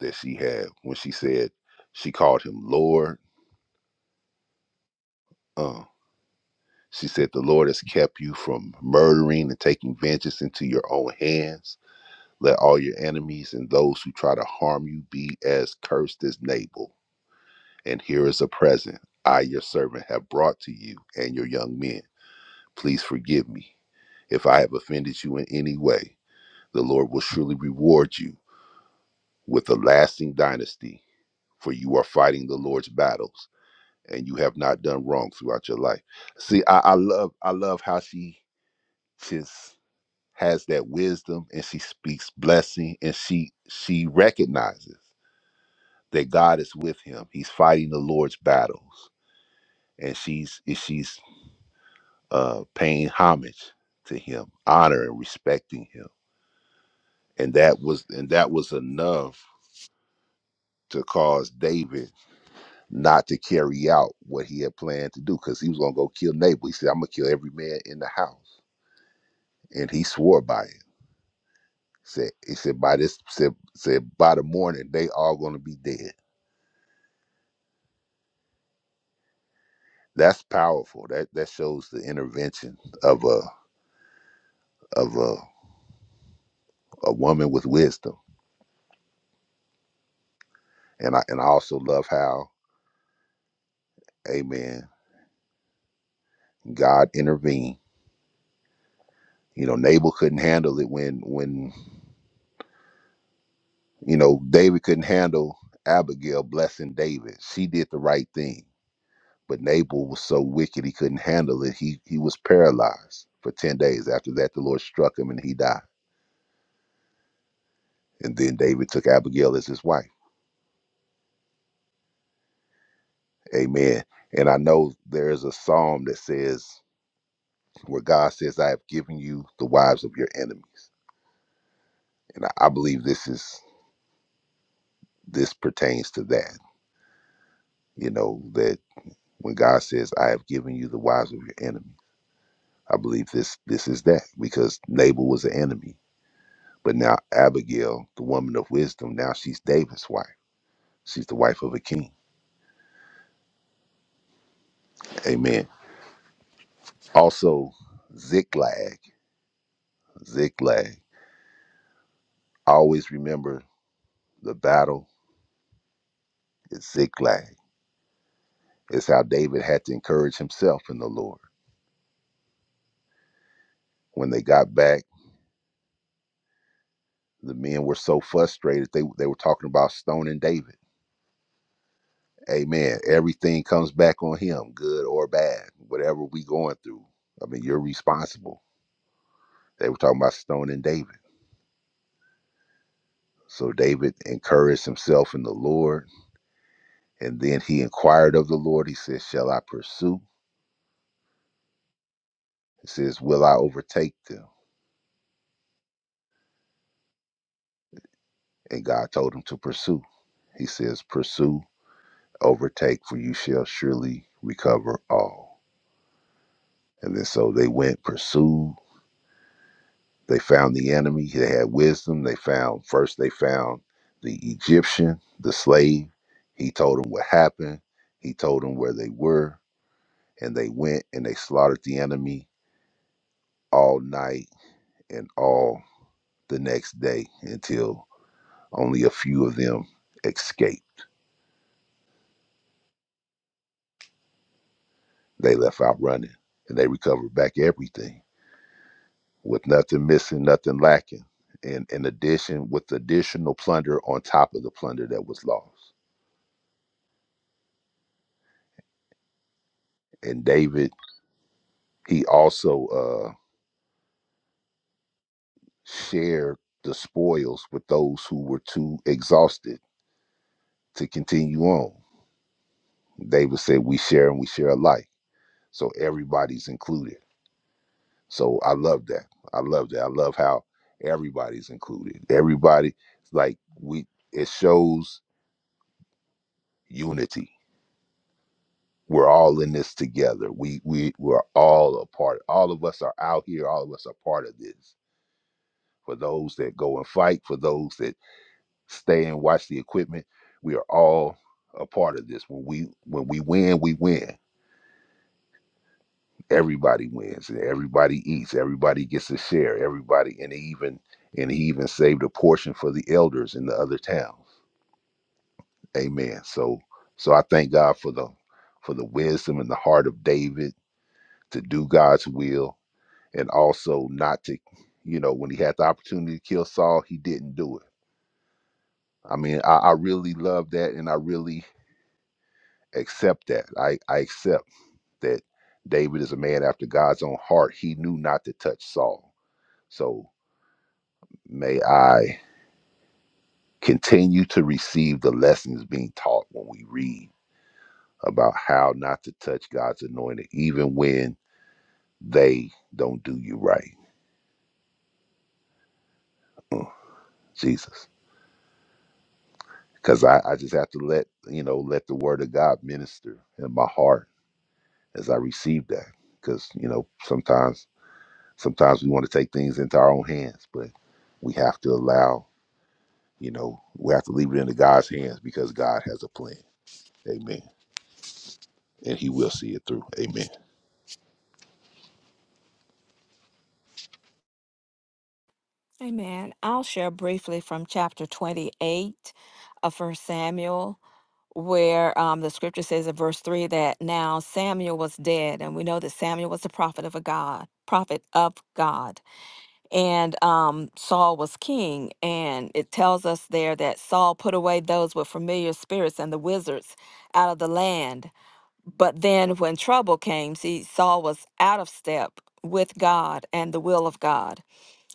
that she had when she said she called him Lord. Uh, she said the Lord has kept you from murdering and taking vengeance into your own hands. Let all your enemies and those who try to harm you be as cursed as Nabal. And here is a present I, your servant, have brought to you and your young men. Please forgive me if I have offended you in any way. The Lord will surely reward you with a lasting dynasty for you are fighting the Lord's battles and you have not done wrong throughout your life. See, I, I love I love how she just has that wisdom and she speaks blessing and she she recognizes that God is with him. He's fighting the Lord's battles and she's and she's uh paying homage to him, honor and respecting him. And that was and that was enough to cause David not to carry out what he had planned to do because he was gonna go kill Nabal. He said, "I'm gonna kill every man in the house," and he swore by it. Said he said by this said said by the morning they all gonna be dead. That's powerful. That that shows the intervention of a of a a woman with wisdom. And I and I also love how, Amen. God intervened. You know, Nabal couldn't handle it when when you know David couldn't handle Abigail blessing David. She did the right thing But Nabal was so wicked he couldn't handle it. He he was paralyzed for ten days. After that, the Lord struck him and he died. And then David took Abigail as his wife. Amen. And I know there is a psalm that says where God says, "I have given you the wives of your enemies," and I, I believe this is this pertains to that. You know that when God says, "I have given you the wives of your enemies," I believe this this is that because Nabal was an enemy, but now Abigail, the woman of wisdom, now she's David's wife She's the wife of a king. Amen. Also, Ziklag. Ziklag. Always remember the battle is Ziklag. It's how David had to encourage himself in the Lord. When they got back, the men were so frustrated. They, they were talking about stoning David. Amen. Everything comes back on him, good or bad, whatever we going through. I mean, you're responsible. They were talking about stoning David. So David encouraged himself in the Lord And then he inquired of the Lord. He says, Shall I pursue? He says, Will I overtake them? And God told him to pursue. He says, Pursue, overtake, for you shall surely recover all. And then so they went, pursued. They found the enemy. They had wisdom. They found, first, they found the Egyptian, the slave. He told them what happened. He told them where they were. And they went and they slaughtered the enemy all night and all the next day until Only a few of them escaped. They left out running and they recovered back everything with nothing missing, nothing lacking. And in addition, with additional plunder on top of the plunder that was lost. And David, he also uh, shared the spoils with those who were too exhausted to continue on. David said, We share and we share alike. So everybody's included So I love that. I love that. I love how everybody's included. Everybody like we it shows unity. We're all in this together. We we we're all a part. All of us are out here. All of us are part of this. For those that go and fight, for those that stay and watch the equipment, we are all a part of this. When we when we win, we win. everybody wins and everybody eats everybody gets a share everybody and he even and he even saved a portion for the elders in the other towns amen so so i thank god for the for the wisdom and the heart of david to do god's will and also not to you know when he had the opportunity to kill saul he didn't do it i mean i, I really love that and i really accept that i i accept that david is a man after god's own heart he knew not to touch saul so May I continue to receive the lessons being taught when we read about how not to touch God's anointed, even when they don't do you right. Mm, Jesus. Because I, I just have to let, you know, let the word of God minister in my heart as I receive that. Because, you know, sometimes sometimes we want to take things into our own hands, but we have to allow, you know, we have to leave it into God's hands because God has a plan. Amen. And he will see it through. Amen.
Amen. I'll share briefly from chapter 28 of First Samuel, where um, the scripture says in verse 3 that now Samuel was dead, and we know that Samuel was the prophet of a God, prophet of God, and um, Saul was king. And it tells us there that Saul put away those with familiar spirits and the wizards out of the land But then when trouble came, see, Saul was out of step with God and the will of God.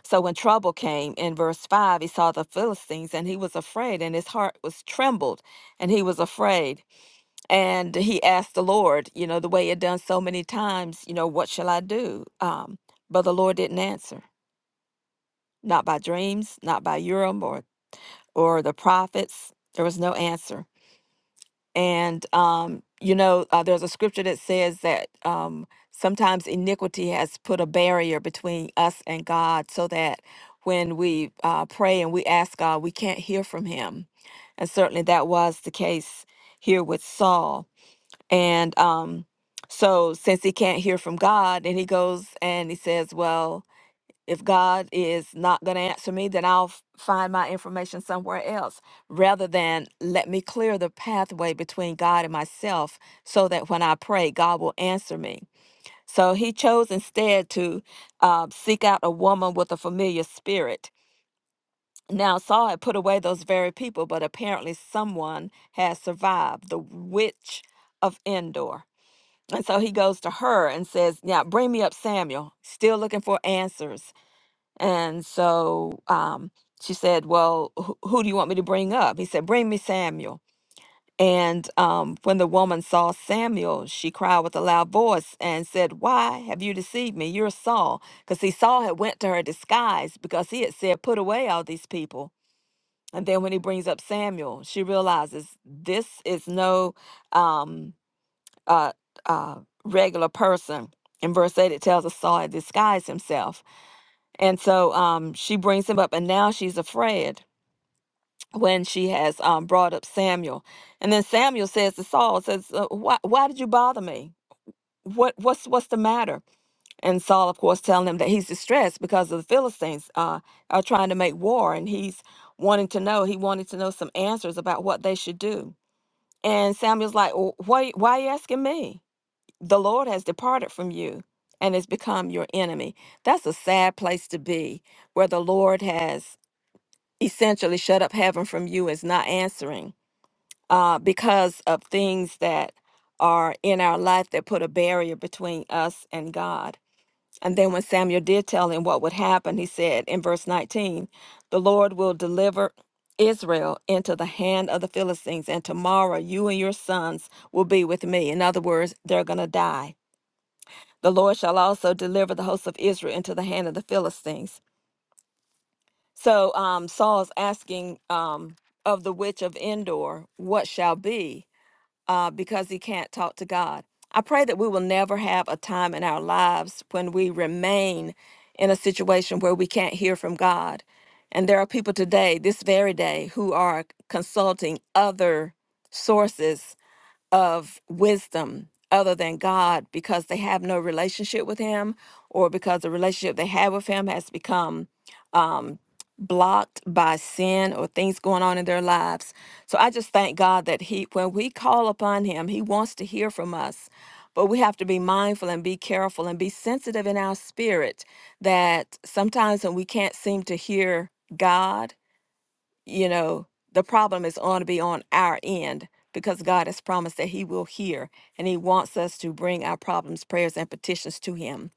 So when trouble came in verse 5, he saw the Philistines and he was afraid, and his heart was trembled, and he was afraid. And he asked the Lord, you know, the way he had done so many times, you know, what shall I do? Um, but the Lord didn't answer, not by dreams, not by Urim or, or the prophets. There was no answer. And, um, you know, uh, there's a scripture that says that um, sometimes iniquity has put a barrier between us and God so that when we uh, pray and we ask God, we can't hear from Him. And certainly that was the case here with Saul. And um, so, since he can't hear from God, and he goes and he says, Well, if God is not going to answer me, then I'll f- find my information somewhere else rather than let me clear the pathway between God and myself so that when I pray, God will answer me. So he chose instead to uh, seek out a woman with a familiar spirit. Now, Saul had put away those very people, but apparently someone has survived the witch of Endor. And so he goes to her and says, Yeah, bring me up Samuel. Still looking for answers. And so um, she said, Well, who, who do you want me to bring up? He said, Bring me Samuel. And um, when the woman saw Samuel, she cried with a loud voice and said, Why have you deceived me? You're Saul. Because see, Saul had went to her disguise because he had said, Put away all these people. And then when he brings up Samuel, she realizes this is no um, uh, uh, regular person. In verse 8, it tells us Saul had disguised himself. And so um, she brings him up, and now she's afraid when she has um, brought up Samuel. And then Samuel says to Saul, says, uh, why, why did you bother me? What, what's, what's the matter? And Saul, of course, telling him that he's distressed because of the Philistines uh, are trying to make war, and he's wanting to know, he wanted to know some answers about what they should do. And Samuel's like, "Well, why, why are you asking me? The Lord has departed from you and has become your enemy. That's a sad place to be where the Lord has essentially shut up heaven from you is not answering uh, because of things that are in our life that put a barrier between us and God. And then when Samuel did tell him what would happen, he said in verse 19, The Lord will deliver Israel into the hand of the Philistines, and tomorrow you and your sons will be with me. In other words, they're going to die. The Lord shall also deliver the hosts of Israel into the hand of the Philistines. So um, Saul is asking um, of the witch of Endor, what shall be, uh, because he can't talk to God. I pray that we will never have a time in our lives when we remain in a situation where we can't hear from God. And there are people today, this very day, who are consulting other sources of wisdom other than God because they have no relationship with Him or because the relationship they have with Him has become um, blocked by sin or things going on in their lives. So I just thank God that He, when we call upon Him, He wants to hear from us. But we have to be mindful and be careful and be sensitive in our spirit that sometimes when we can't seem to hear God, you know, the problem is going to be on our end because God has promised that He will hear and He wants us to bring our problems, prayers, and petitions to Him.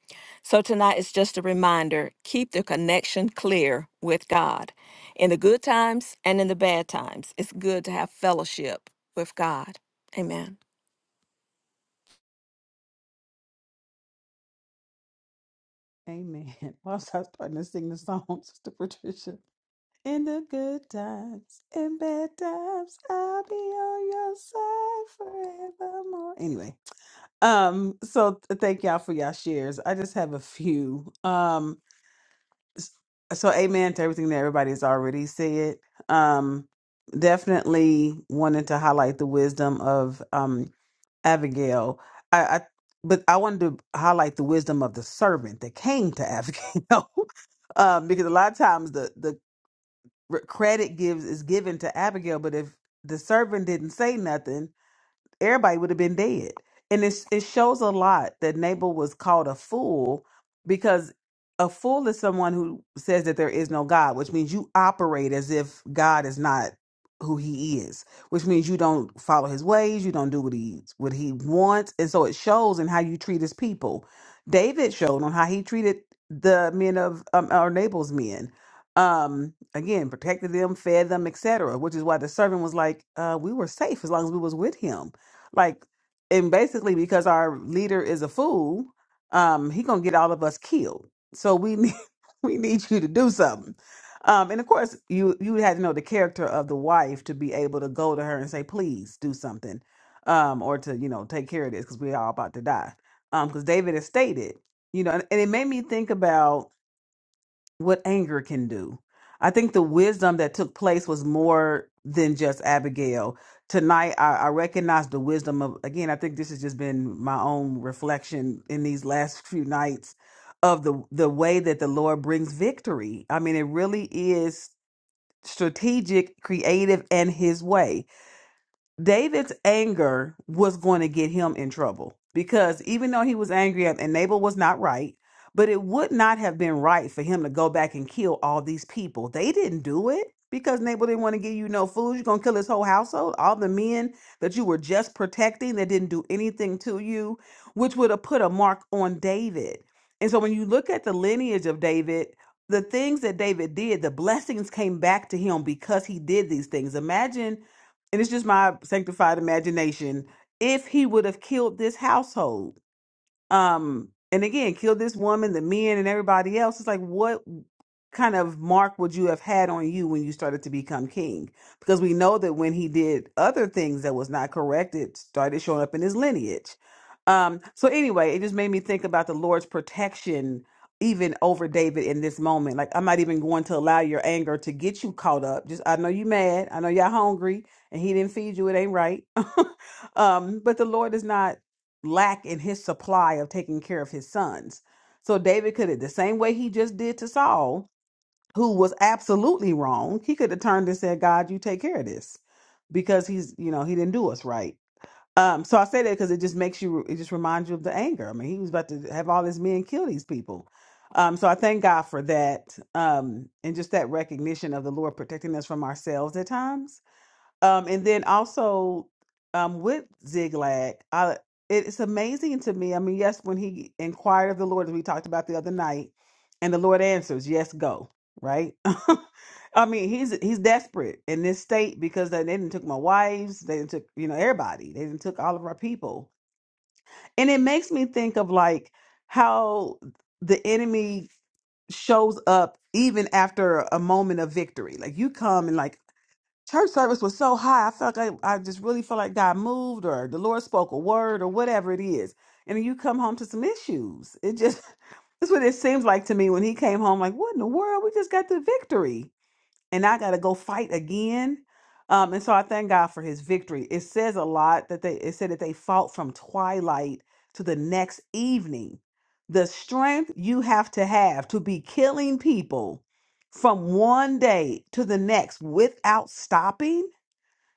So tonight is just a reminder keep the connection clear with God. In the good times and in the bad times, it's good to have fellowship with God. Amen.
Amen. Why was I starting to sing the song, Sister Patricia? In the good times, in bad times, I'll be on your side forevermore. Anyway, um, so th- thank y'all for y'all shares. I just have a few. Um, s- so amen to everything that everybody's already said. Um, definitely wanted to highlight the wisdom of um Abigail, I, I but I wanted to highlight the wisdom of the servant that came to Abigail, um, because a lot of times the the r- credit gives is given to Abigail, but if the servant didn't say nothing, everybody would have been dead. And it, it shows a lot that Nabal was called a fool because a fool is someone who says that there is no God, which means you operate as if God is not who he is, which means you don't follow his ways, you don't do what he what he wants. And so it shows in how you treat his people. David showed on how he treated the men of um, or Nabal's men um again protected them fed them etc which is why the servant was like uh we were safe as long as we was with him like, and basically because our leader is a fool, um, he gonna get all of us killed. So we need we need you to do something. Um, and of course, you you had to know the character of the wife to be able to go to her and say, please do something, um, or to you know take care of this because we're all about to die. Um, because David has stated, you know, and, and it made me think about what anger can do. I think the wisdom that took place was more than just Abigail. Tonight, I, I recognize the wisdom of, again, I think this has just been my own reflection in these last few nights of the, the way that the Lord brings victory. I mean, it really is strategic, creative, and His way. David's anger was going to get him in trouble because even though he was angry at and Nabal was not right, but it would not have been right for him to go back and kill all these people. They didn't do it because Nabal didn't want to give you no food. You're going to kill his whole household, all the men that you were just protecting that didn't do anything to you, which would have put a mark on David. And so when you look at the lineage of David, the things that David did, the blessings came back to him because he did these things. Imagine and it's just my sanctified imagination, if he would have killed this household, um and again killed this woman the men and everybody else it's like what kind of mark would you have had on you when you started to become king because we know that when he did other things that was not correct it started showing up in his lineage um so anyway it just made me think about the lord's protection even over david in this moment like i'm not even going to allow your anger to get you caught up just i know you mad i know y'all hungry and he didn't feed you it ain't right um but the lord is not lack in his supply of taking care of his sons. So David could have, the same way he just did to Saul, who was absolutely wrong, he could have turned and said, God, you take care of this because he's, you know, he didn't do us right. Um, so I say that because it just makes you, it just reminds you of the anger. I mean, he was about to have all his men kill these people. Um, so I thank God for that. Um, and just that recognition of the Lord protecting us from ourselves at times um, and then also um, with Ziglag, I, it's amazing to me. I mean, yes, when he inquired of the Lord, as we talked about the other night, and the Lord answers, "Yes, go." Right? I mean, he's he's desperate in this state because they, they didn't took my wives, they didn't took you know everybody, they didn't took all of our people, and it makes me think of like how the enemy shows up even after a moment of victory. Like you come and like church service was so high. I felt like I just really felt like God moved or the Lord spoke a word or whatever it is. And then you come home to some issues. It just that's what it seems like to me when he came home, like, what in the world? We just got the victory and I got to go fight again. Um, and so I thank God for his victory. It says a lot that they it said that they fought from twilight to the next evening. The strength you have to have to be killing people from one day to the next without stopping,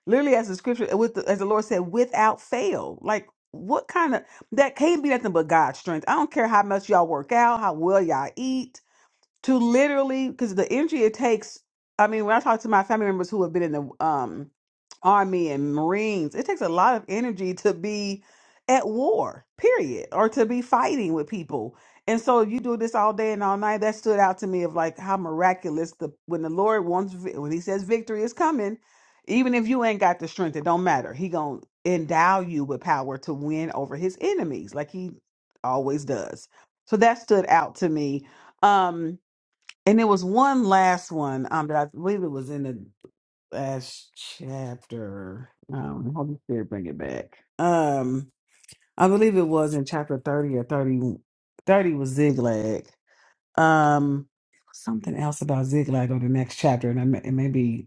literally as the scripture uh, with the, as the Lord said, without fail. Like what kind of that can't be nothing but God's strength. I don't care how much y'all work out, how well y'all eat to literally because the energy it takes i mean when i talk to my family members who have been in the um army and marines it takes a lot of energy to be at war period or to be fighting with people and so you do this all day and all night that stood out to me of like how miraculous the when the lord wants vi- when he says victory is coming even if you ain't got the strength it don't matter he gonna endow you with power to win over his enemies like he always does so that stood out to me um and there was one last one um, that I believe it was in the last chapter. Um, Holy Spirit, bring it back. Um, I believe it was in chapter 30 or 30. 30 was Ziglag. Um, something else about Ziglag or the next chapter, and I may, it may be,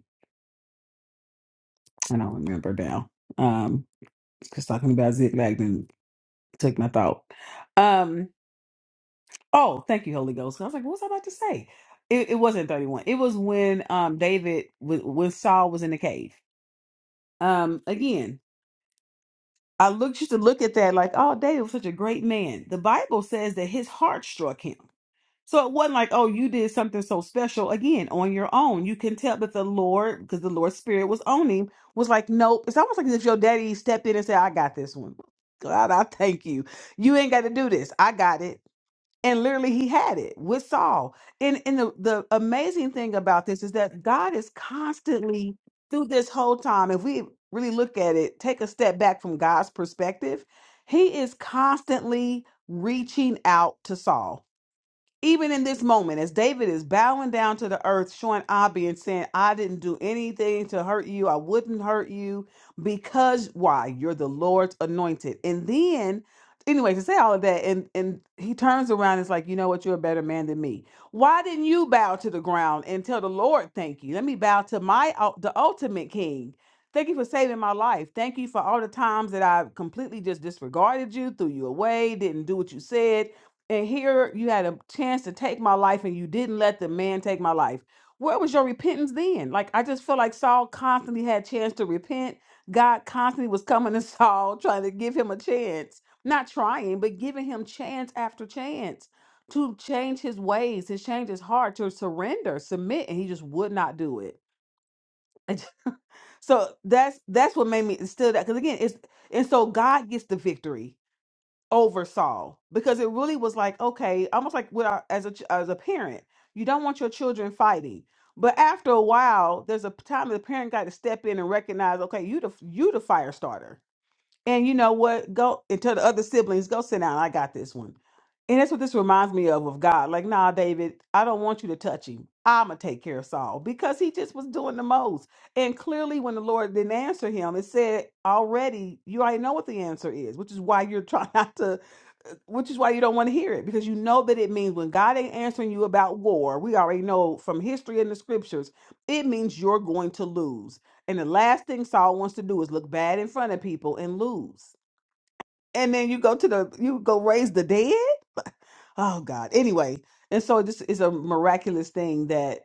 I don't remember now. Um, because talking about Ziglag then took my thought. Um, Oh, thank you, Holy Ghost. And I was like, what was I about to say? It, it wasn't 31. It was when um David w- when Saul was in the cave. Um again, I looked used to look at that like, oh, David was such a great man. The Bible says that his heart struck him. So it wasn't like, oh, you did something so special again on your own. You can tell that the Lord, because the Lord's spirit was on him, was like, nope. It's almost like as if your daddy stepped in and said, I got this one. God, I thank you. You ain't got to do this. I got it and literally he had it with Saul. And and the, the amazing thing about this is that God is constantly through this whole time, if we really look at it, take a step back from God's perspective, he is constantly reaching out to Saul even in this moment, as David is bowing down to the earth, showing Abby and saying, I didn't do anything to hurt you. I wouldn't hurt you because why? You're the Lord's anointed. And then, anyway, to say all of that, and, and he turns around and is like, You know what? You're a better man than me. Why didn't you bow to the ground and tell the Lord, Thank you? Let me bow to my ul- the ultimate king. Thank you for saving my life. Thank you for all the times that I completely just disregarded you, threw you away, didn't do what you said and here you had a chance to take my life and you didn't let the man take my life where was your repentance then like i just feel like saul constantly had chance to repent god constantly was coming to saul trying to give him a chance not trying but giving him chance after chance to change his ways to change his heart to surrender submit and he just would not do it And so that's that's what made me still that because again it's and so god gets the victory oversaw because it really was like okay almost like with our, as a ch- as a parent you don't want your children fighting but after a while there's a time the parent got to step in and recognize okay you the you the fire starter and you know what? Go and tell the other siblings, go sit down. I got this one. And that's what this reminds me of of God. Like, nah, David, I don't want you to touch him. I'ma take care of Saul because he just was doing the most. And clearly, when the Lord didn't answer him, it said already you already know what the answer is, which is why you're trying not to, uh, which is why you don't want to hear it because you know that it means when God ain't answering you about war, we already know from history and the scriptures, it means you're going to lose. And the last thing Saul wants to do is look bad in front of people and lose. And then you go to the you go raise the dead? Oh God. Anyway, and so this is a miraculous thing that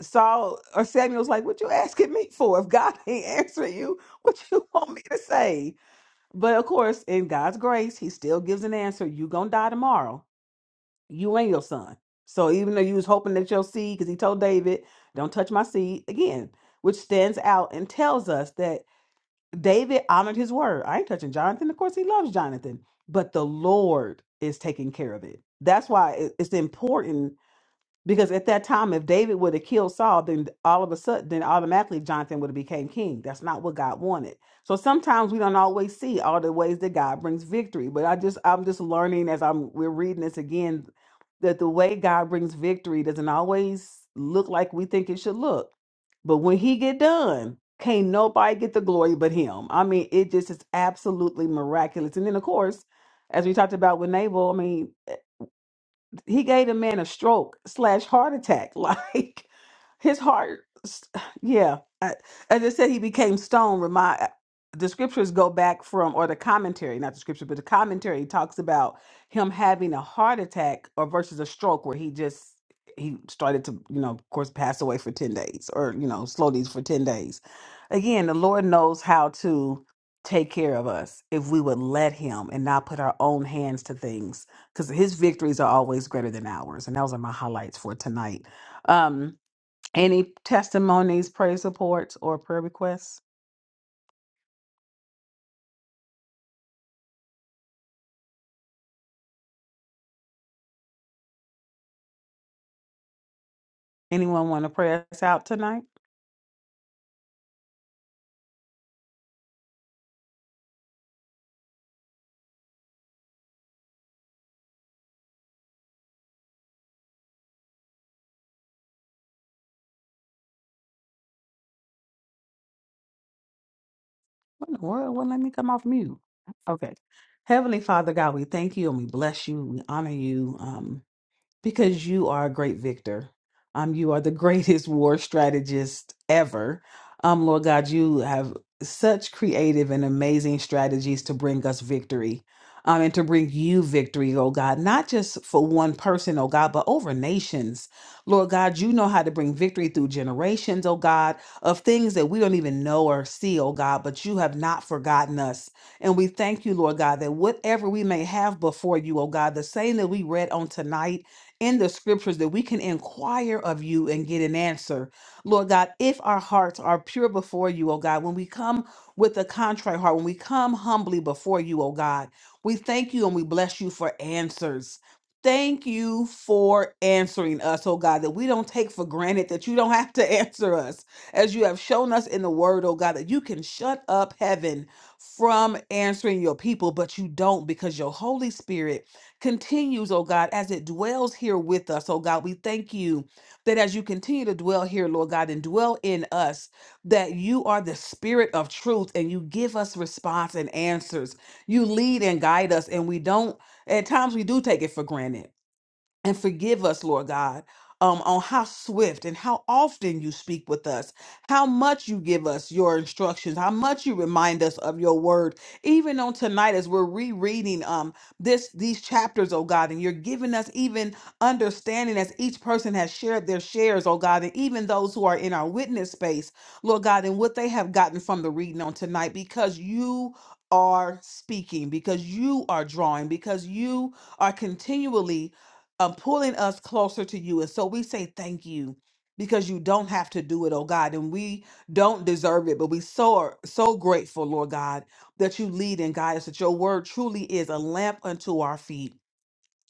Saul or Samuel's like, What you asking me for? If God ain't answering you, what you want me to say? But of course, in God's grace, he still gives an answer. You gonna die tomorrow. You and your son. So even though you was hoping that your seed, because he told David, Don't touch my seed again, which stands out and tells us that David honored his word. I ain't touching Jonathan. Of course, he loves Jonathan, but the Lord is taking care of it. That's why it- it's important because at that time, if David would have killed Saul, then all of a sudden, then automatically Jonathan would have became king. That's not what God wanted. So sometimes we don't always see all the ways that God brings victory. But I just, I'm just learning as I'm we're reading this again that the way God brings victory doesn't always look like we think it should look. But when He get done, can't nobody get the glory but Him. I mean, it just is absolutely miraculous. And then of course, as we talked about with Nabal, I mean he gave the man a stroke slash heart attack. Like his heart, yeah. I, as I said, he became stone. Remind the scriptures go back from, or the commentary, not the scripture, but the commentary talks about him having a heart attack or versus a stroke where he just he started to, you know, of course, pass away for ten days or you know, slow these for ten days. Again, the Lord knows how to take care of us if we would let him and not put our own hands to things because his victories are always greater than ours. And those are my highlights for tonight. Um, any testimonies, prayer supports, or prayer requests? Anyone want to pray us out tonight? What in the world? Well, let me come off mute. Okay. Heavenly Father God, we thank you and we bless you. We honor you. Um, Because you are a great victor. Um, you are the greatest war strategist ever. Um, Lord God, you have such creative and amazing strategies to bring us victory. Um, and to bring you victory, oh God, not just for one person, oh God, but over nations. Lord God, you know how to bring victory through generations, oh God, of things that we don't even know or see, oh God, but you have not forgotten us. And we thank you, Lord God, that whatever we may have before you, oh God, the same that we read on tonight in the scriptures that we can inquire of you and get an answer. Lord God, if our hearts are pure before you, oh God, when we come with a contrite heart, when we come humbly before you, oh God, we thank you and we bless you for answers. Thank you for answering us, oh God, that we don't take for granted that you don't have to answer us. As you have shown us in the word, oh God, that you can shut up heaven from answering your people, but you don't because your Holy Spirit continues, oh God, as it dwells here with us, oh God. We thank you that as you continue to dwell here, Lord God, and dwell in us, that you are the spirit of truth and you give us response and answers. You lead and guide us, and we don't, at times, we do take it for granted and forgive us, Lord God, um, on how swift and how often you speak with us, how much you give us your instructions, how much you remind us of your word. Even on tonight, as we're rereading um this these chapters, oh God, and you're giving us even understanding as each person has shared their shares, oh God, and even those who are in our witness space, Lord God, and what they have gotten from the reading on tonight, because you are speaking, because you are drawing, because you are continually um, pulling us closer to you. And so we say thank you because you don't have to do it, oh God. And we don't deserve it, but we so are so grateful, Lord God, that you lead and guide us, that your word truly is a lamp unto our feet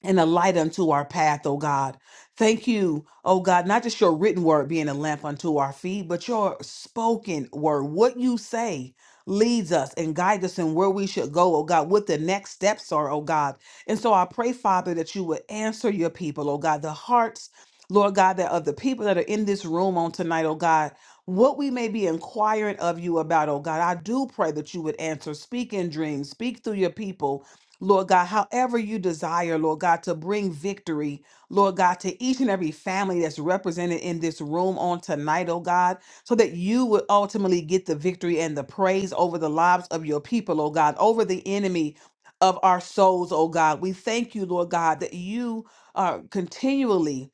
and a light unto our path, O God. Thank you, O God, not just your written word being a lamp unto our feet, but your spoken word. What you say leads us and guides us in where we should go, O God, what the next steps are, O God. And so I pray, Father, that you would answer your people, O God, the hearts, Lord God, that of the people that are in this room on tonight, O God, what we may be inquiring of you about, O God. I do pray that you would answer. Speak in dreams, speak through your people Lord God, however you desire, Lord God, to bring victory, Lord God, to each and every family that's represented in this room on tonight, oh God, so that you would ultimately get the victory and the praise over the lives of your people, oh God, over the enemy of our souls, oh God. We thank you, Lord God, that you are continually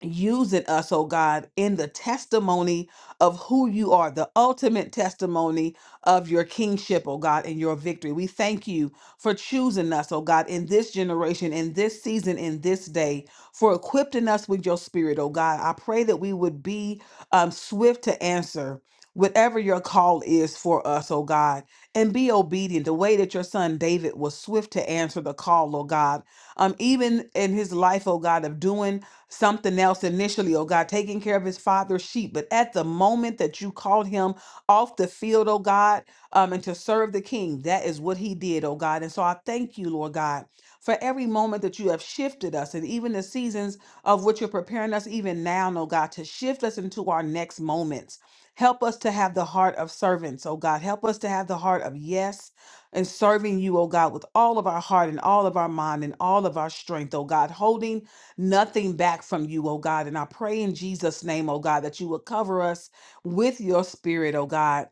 using us, oh God, in the testimony of who you are, the ultimate testimony of your kingship, oh God, and your victory. We thank you for choosing us, oh God, in this generation, in this season, in this day, for equipping us with your spirit, oh God. I pray that we would be um, swift to answer. Whatever your call is for us, oh God, and be obedient the way that your son David was swift to answer the call, oh God. Um, even in his life, oh God, of doing something else initially, oh God, taking care of his father's sheep. But at the moment that you called him off the field, oh God, um, and to serve the king, that is what he did, oh God. And so I thank you, Lord God, for every moment that you have shifted us and even the seasons of which you're preparing us even now, oh God, to shift us into our next moments. Help us to have the heart of servants, oh God. Help us to have the heart of yes and serving you, oh God, with all of our heart and all of our mind and all of our strength, oh God, holding nothing back from you, oh God. And I pray in Jesus' name, oh God, that you would cover us with your spirit, oh God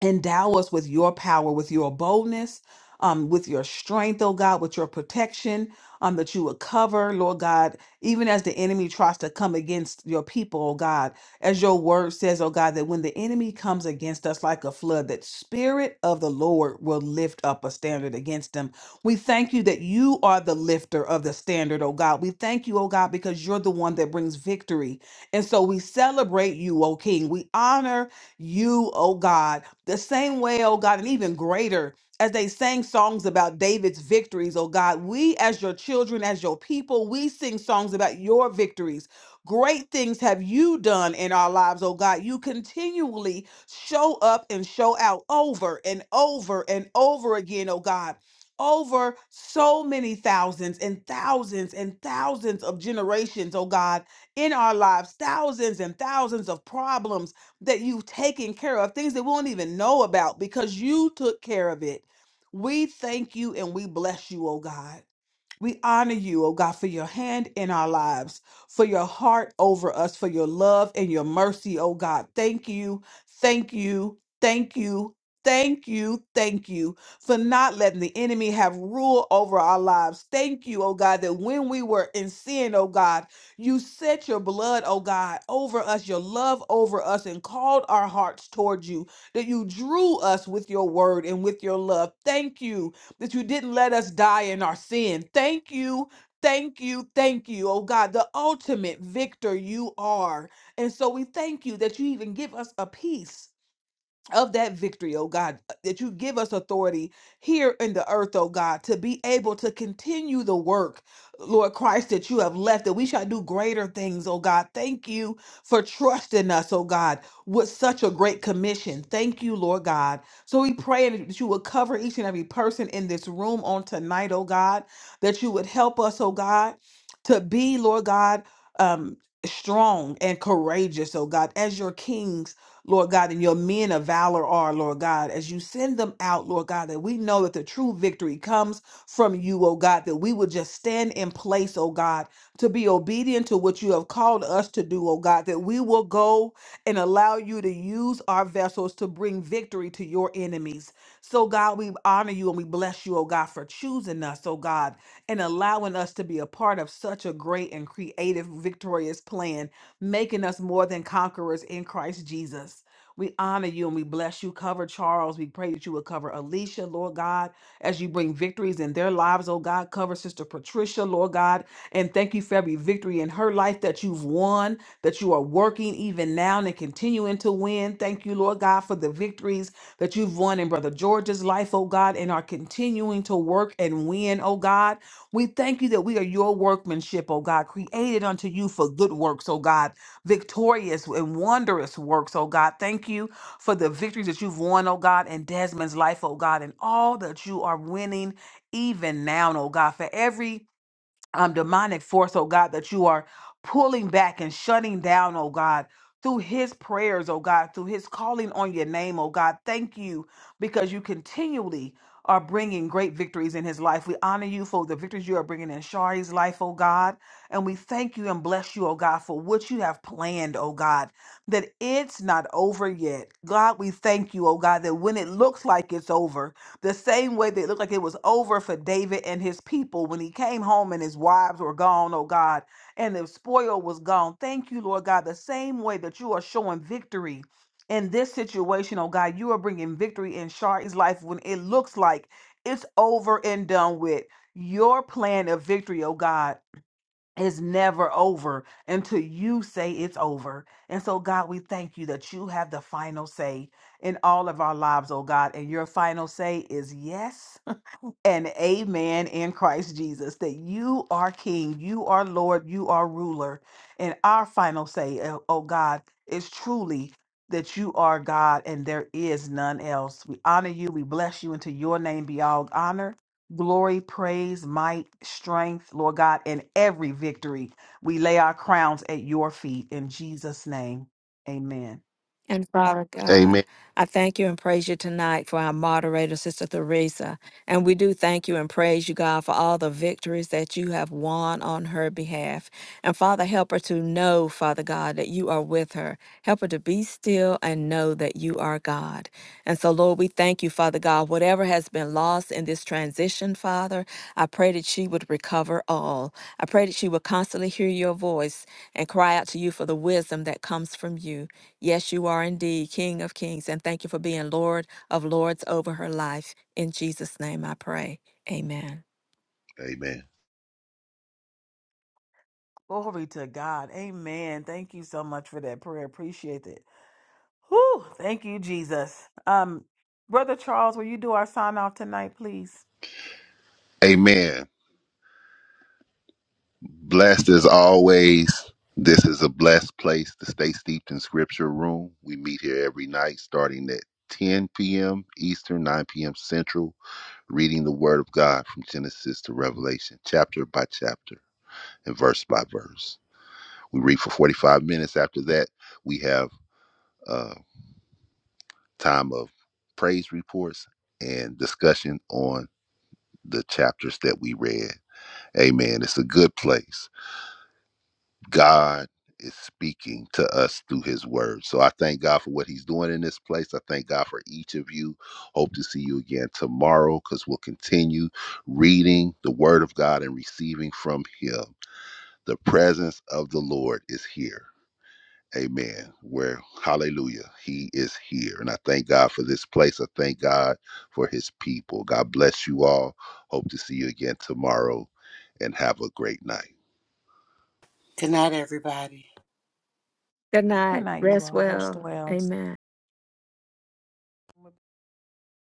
Endow us with your power, with your boldness, um, with your strength, oh God, with your protection, um, that you would cover, Lord God, even as the enemy tries to come against your people, oh God, as your word says, oh God, that when the enemy comes against us like a flood, that spirit of the Lord will lift up a standard against them. We thank you that you are the lifter of the standard, oh God. We thank you, oh God, because you're the one that brings victory. And so we celebrate you, oh King. We honor you, oh God, the same way, oh God, and even greater as they sang songs about David's victories, oh God. We, as your children, as your people, we sing songs about your victories. Great things have you done in our lives, oh God. You continually show up and show out over and over and over again, oh God. Over so many thousands and thousands and thousands of generations, oh God, in our lives, thousands and thousands of problems that you've taken care of, things that we won't even know about because you took care of it. We thank you and we bless you, oh God. We honor you, oh God, for your hand in our lives, for your heart over us, for your love and your mercy, oh God. Thank you, thank you, thank you, thank you, thank you for not letting the enemy have rule over our lives. Thank you, oh God, that when we were in sin, oh God, you set your blood, oh God, over us, your love over us, and called our hearts towards you, that you drew us with your word and with your love. Thank you that you didn't let us die in our sin. Thank you. Thank you, thank you, oh God, the ultimate victor you are. And so we thank you that you even give us a peace of that victory, oh God, uh, that you give us authority here in the earth, oh God, to be able to continue the work, Lord Christ, that you have left, that we shall do greater things, oh God. Thank you for trusting us, oh God, with such a great commission. Thank you, Lord God. So we pray that you will cover each and every person in this room on tonight, oh God, that you would help us, oh God, to be, Lord God, um, strong and courageous, oh God, as your kings Lord God, and your men of valor are, Lord God, as you send them out, Lord God, that we know that the true victory comes from you, oh God, that we will just stand in place, oh God, to be obedient to what you have called us to do, oh God, that we will go and allow you to use our vessels to bring victory to your enemies. So, God, we honor you and we bless you, oh God, for choosing us, oh God, and allowing us to be a part of such a great and creative, victorious plan making us more than conquerors in Christ Jesus. We honor you and we bless you. Cover Charles. We pray that you would cover Alicia, Lord God, as you bring victories in their lives, oh God. Cover Sister Patricia, Lord God. And thank you for every victory in her life that you've won, that you are working even now and continuing to win. Thank you, Lord God, for the victories that you've won in Brother George's life, oh God, and are continuing to work and win, oh God. We thank you that we are your workmanship, oh God, created unto you for good works, oh God, victorious and wondrous works, oh God. Thank you for the victories that you've won, oh God, in Desmond's life, oh God, and all that you are winning even now, oh God, for every um, demonic force, oh God, that you are pulling back and shutting down, oh God, through his prayers, oh God, through his calling on your name, oh God. Thank you because you continually are bringing great victories in his life. We honor you for the victories you are bringing in Shari's life, oh God. And we thank you and bless you, oh God, for what you have planned, oh God, that it's not over yet. God, we thank you, oh God, that when it looks like it's over, the same way that it looked like it was over for David and his people when he came home and his wives were gone, oh God, and the spoil was gone. Thank you, Lord God. The same way that you are showing victory in this situation, oh God, you are bringing victory in Shari's life when it looks like it's over and done with. Your plan of victory, oh God is never over until you say it's over. And so, God, we thank you that you have the final say in all of our lives, oh God. And your final say is yes and amen in Christ Jesus that you are King, you are Lord, you are ruler. And our final say, oh oh God, is truly that you are God and there is none else. We honor you, we bless you, and to your name be all honor, glory, praise, might, strength, Lord God, and every victory. We lay our crowns at your feet in Jesus' name. Amen.
And Father God,
Amen.
I thank you and praise you tonight for our moderator, Sister Theresa. And we do thank you and praise you, God, for all the victories that you have won on her behalf. And Father, help her to know, Father God, that you are with her. Help her to be still and know that you are God. And so, Lord, we thank you, Father God. Whatever has been lost in this transition, Father, I pray that she would recover all. I pray that she would constantly hear your voice and cry out to you for the wisdom that comes from you. Yes, you are indeed King of Kings, and thank you for being Lord of Lords over her life. In Jesus' name I pray. Amen.
Amen.
Glory to God. Amen. Thank you so much for that prayer. Appreciate it. Whew, thank you, Jesus. Um, Brother Charles, will you do our sign off tonight, please?
Amen. Blessed as always. This is a blessed place to stay steeped in scripture room. We meet here every night starting at 10 p.m. Eastern, 9 p.m. Central, reading the Word of God from Genesis to Revelation, chapter by chapter and verse by verse. We read for 45 minutes. After that, we have a time of praise reports and discussion on the chapters that we read. Amen. It's a good place. God is speaking to us through his word. So I thank God for what he's doing in this place. I thank God for each of you. Hope to see you again tomorrow because we'll continue reading the word of God and receiving from him. The presence of the Lord is here. Amen. Where, hallelujah, he is here. And I thank God for this place. I thank God for his people. God bless you all. Hope to see you again tomorrow and have a great night.
Good night, everybody.
Good night.
Good night, you all. Rest well.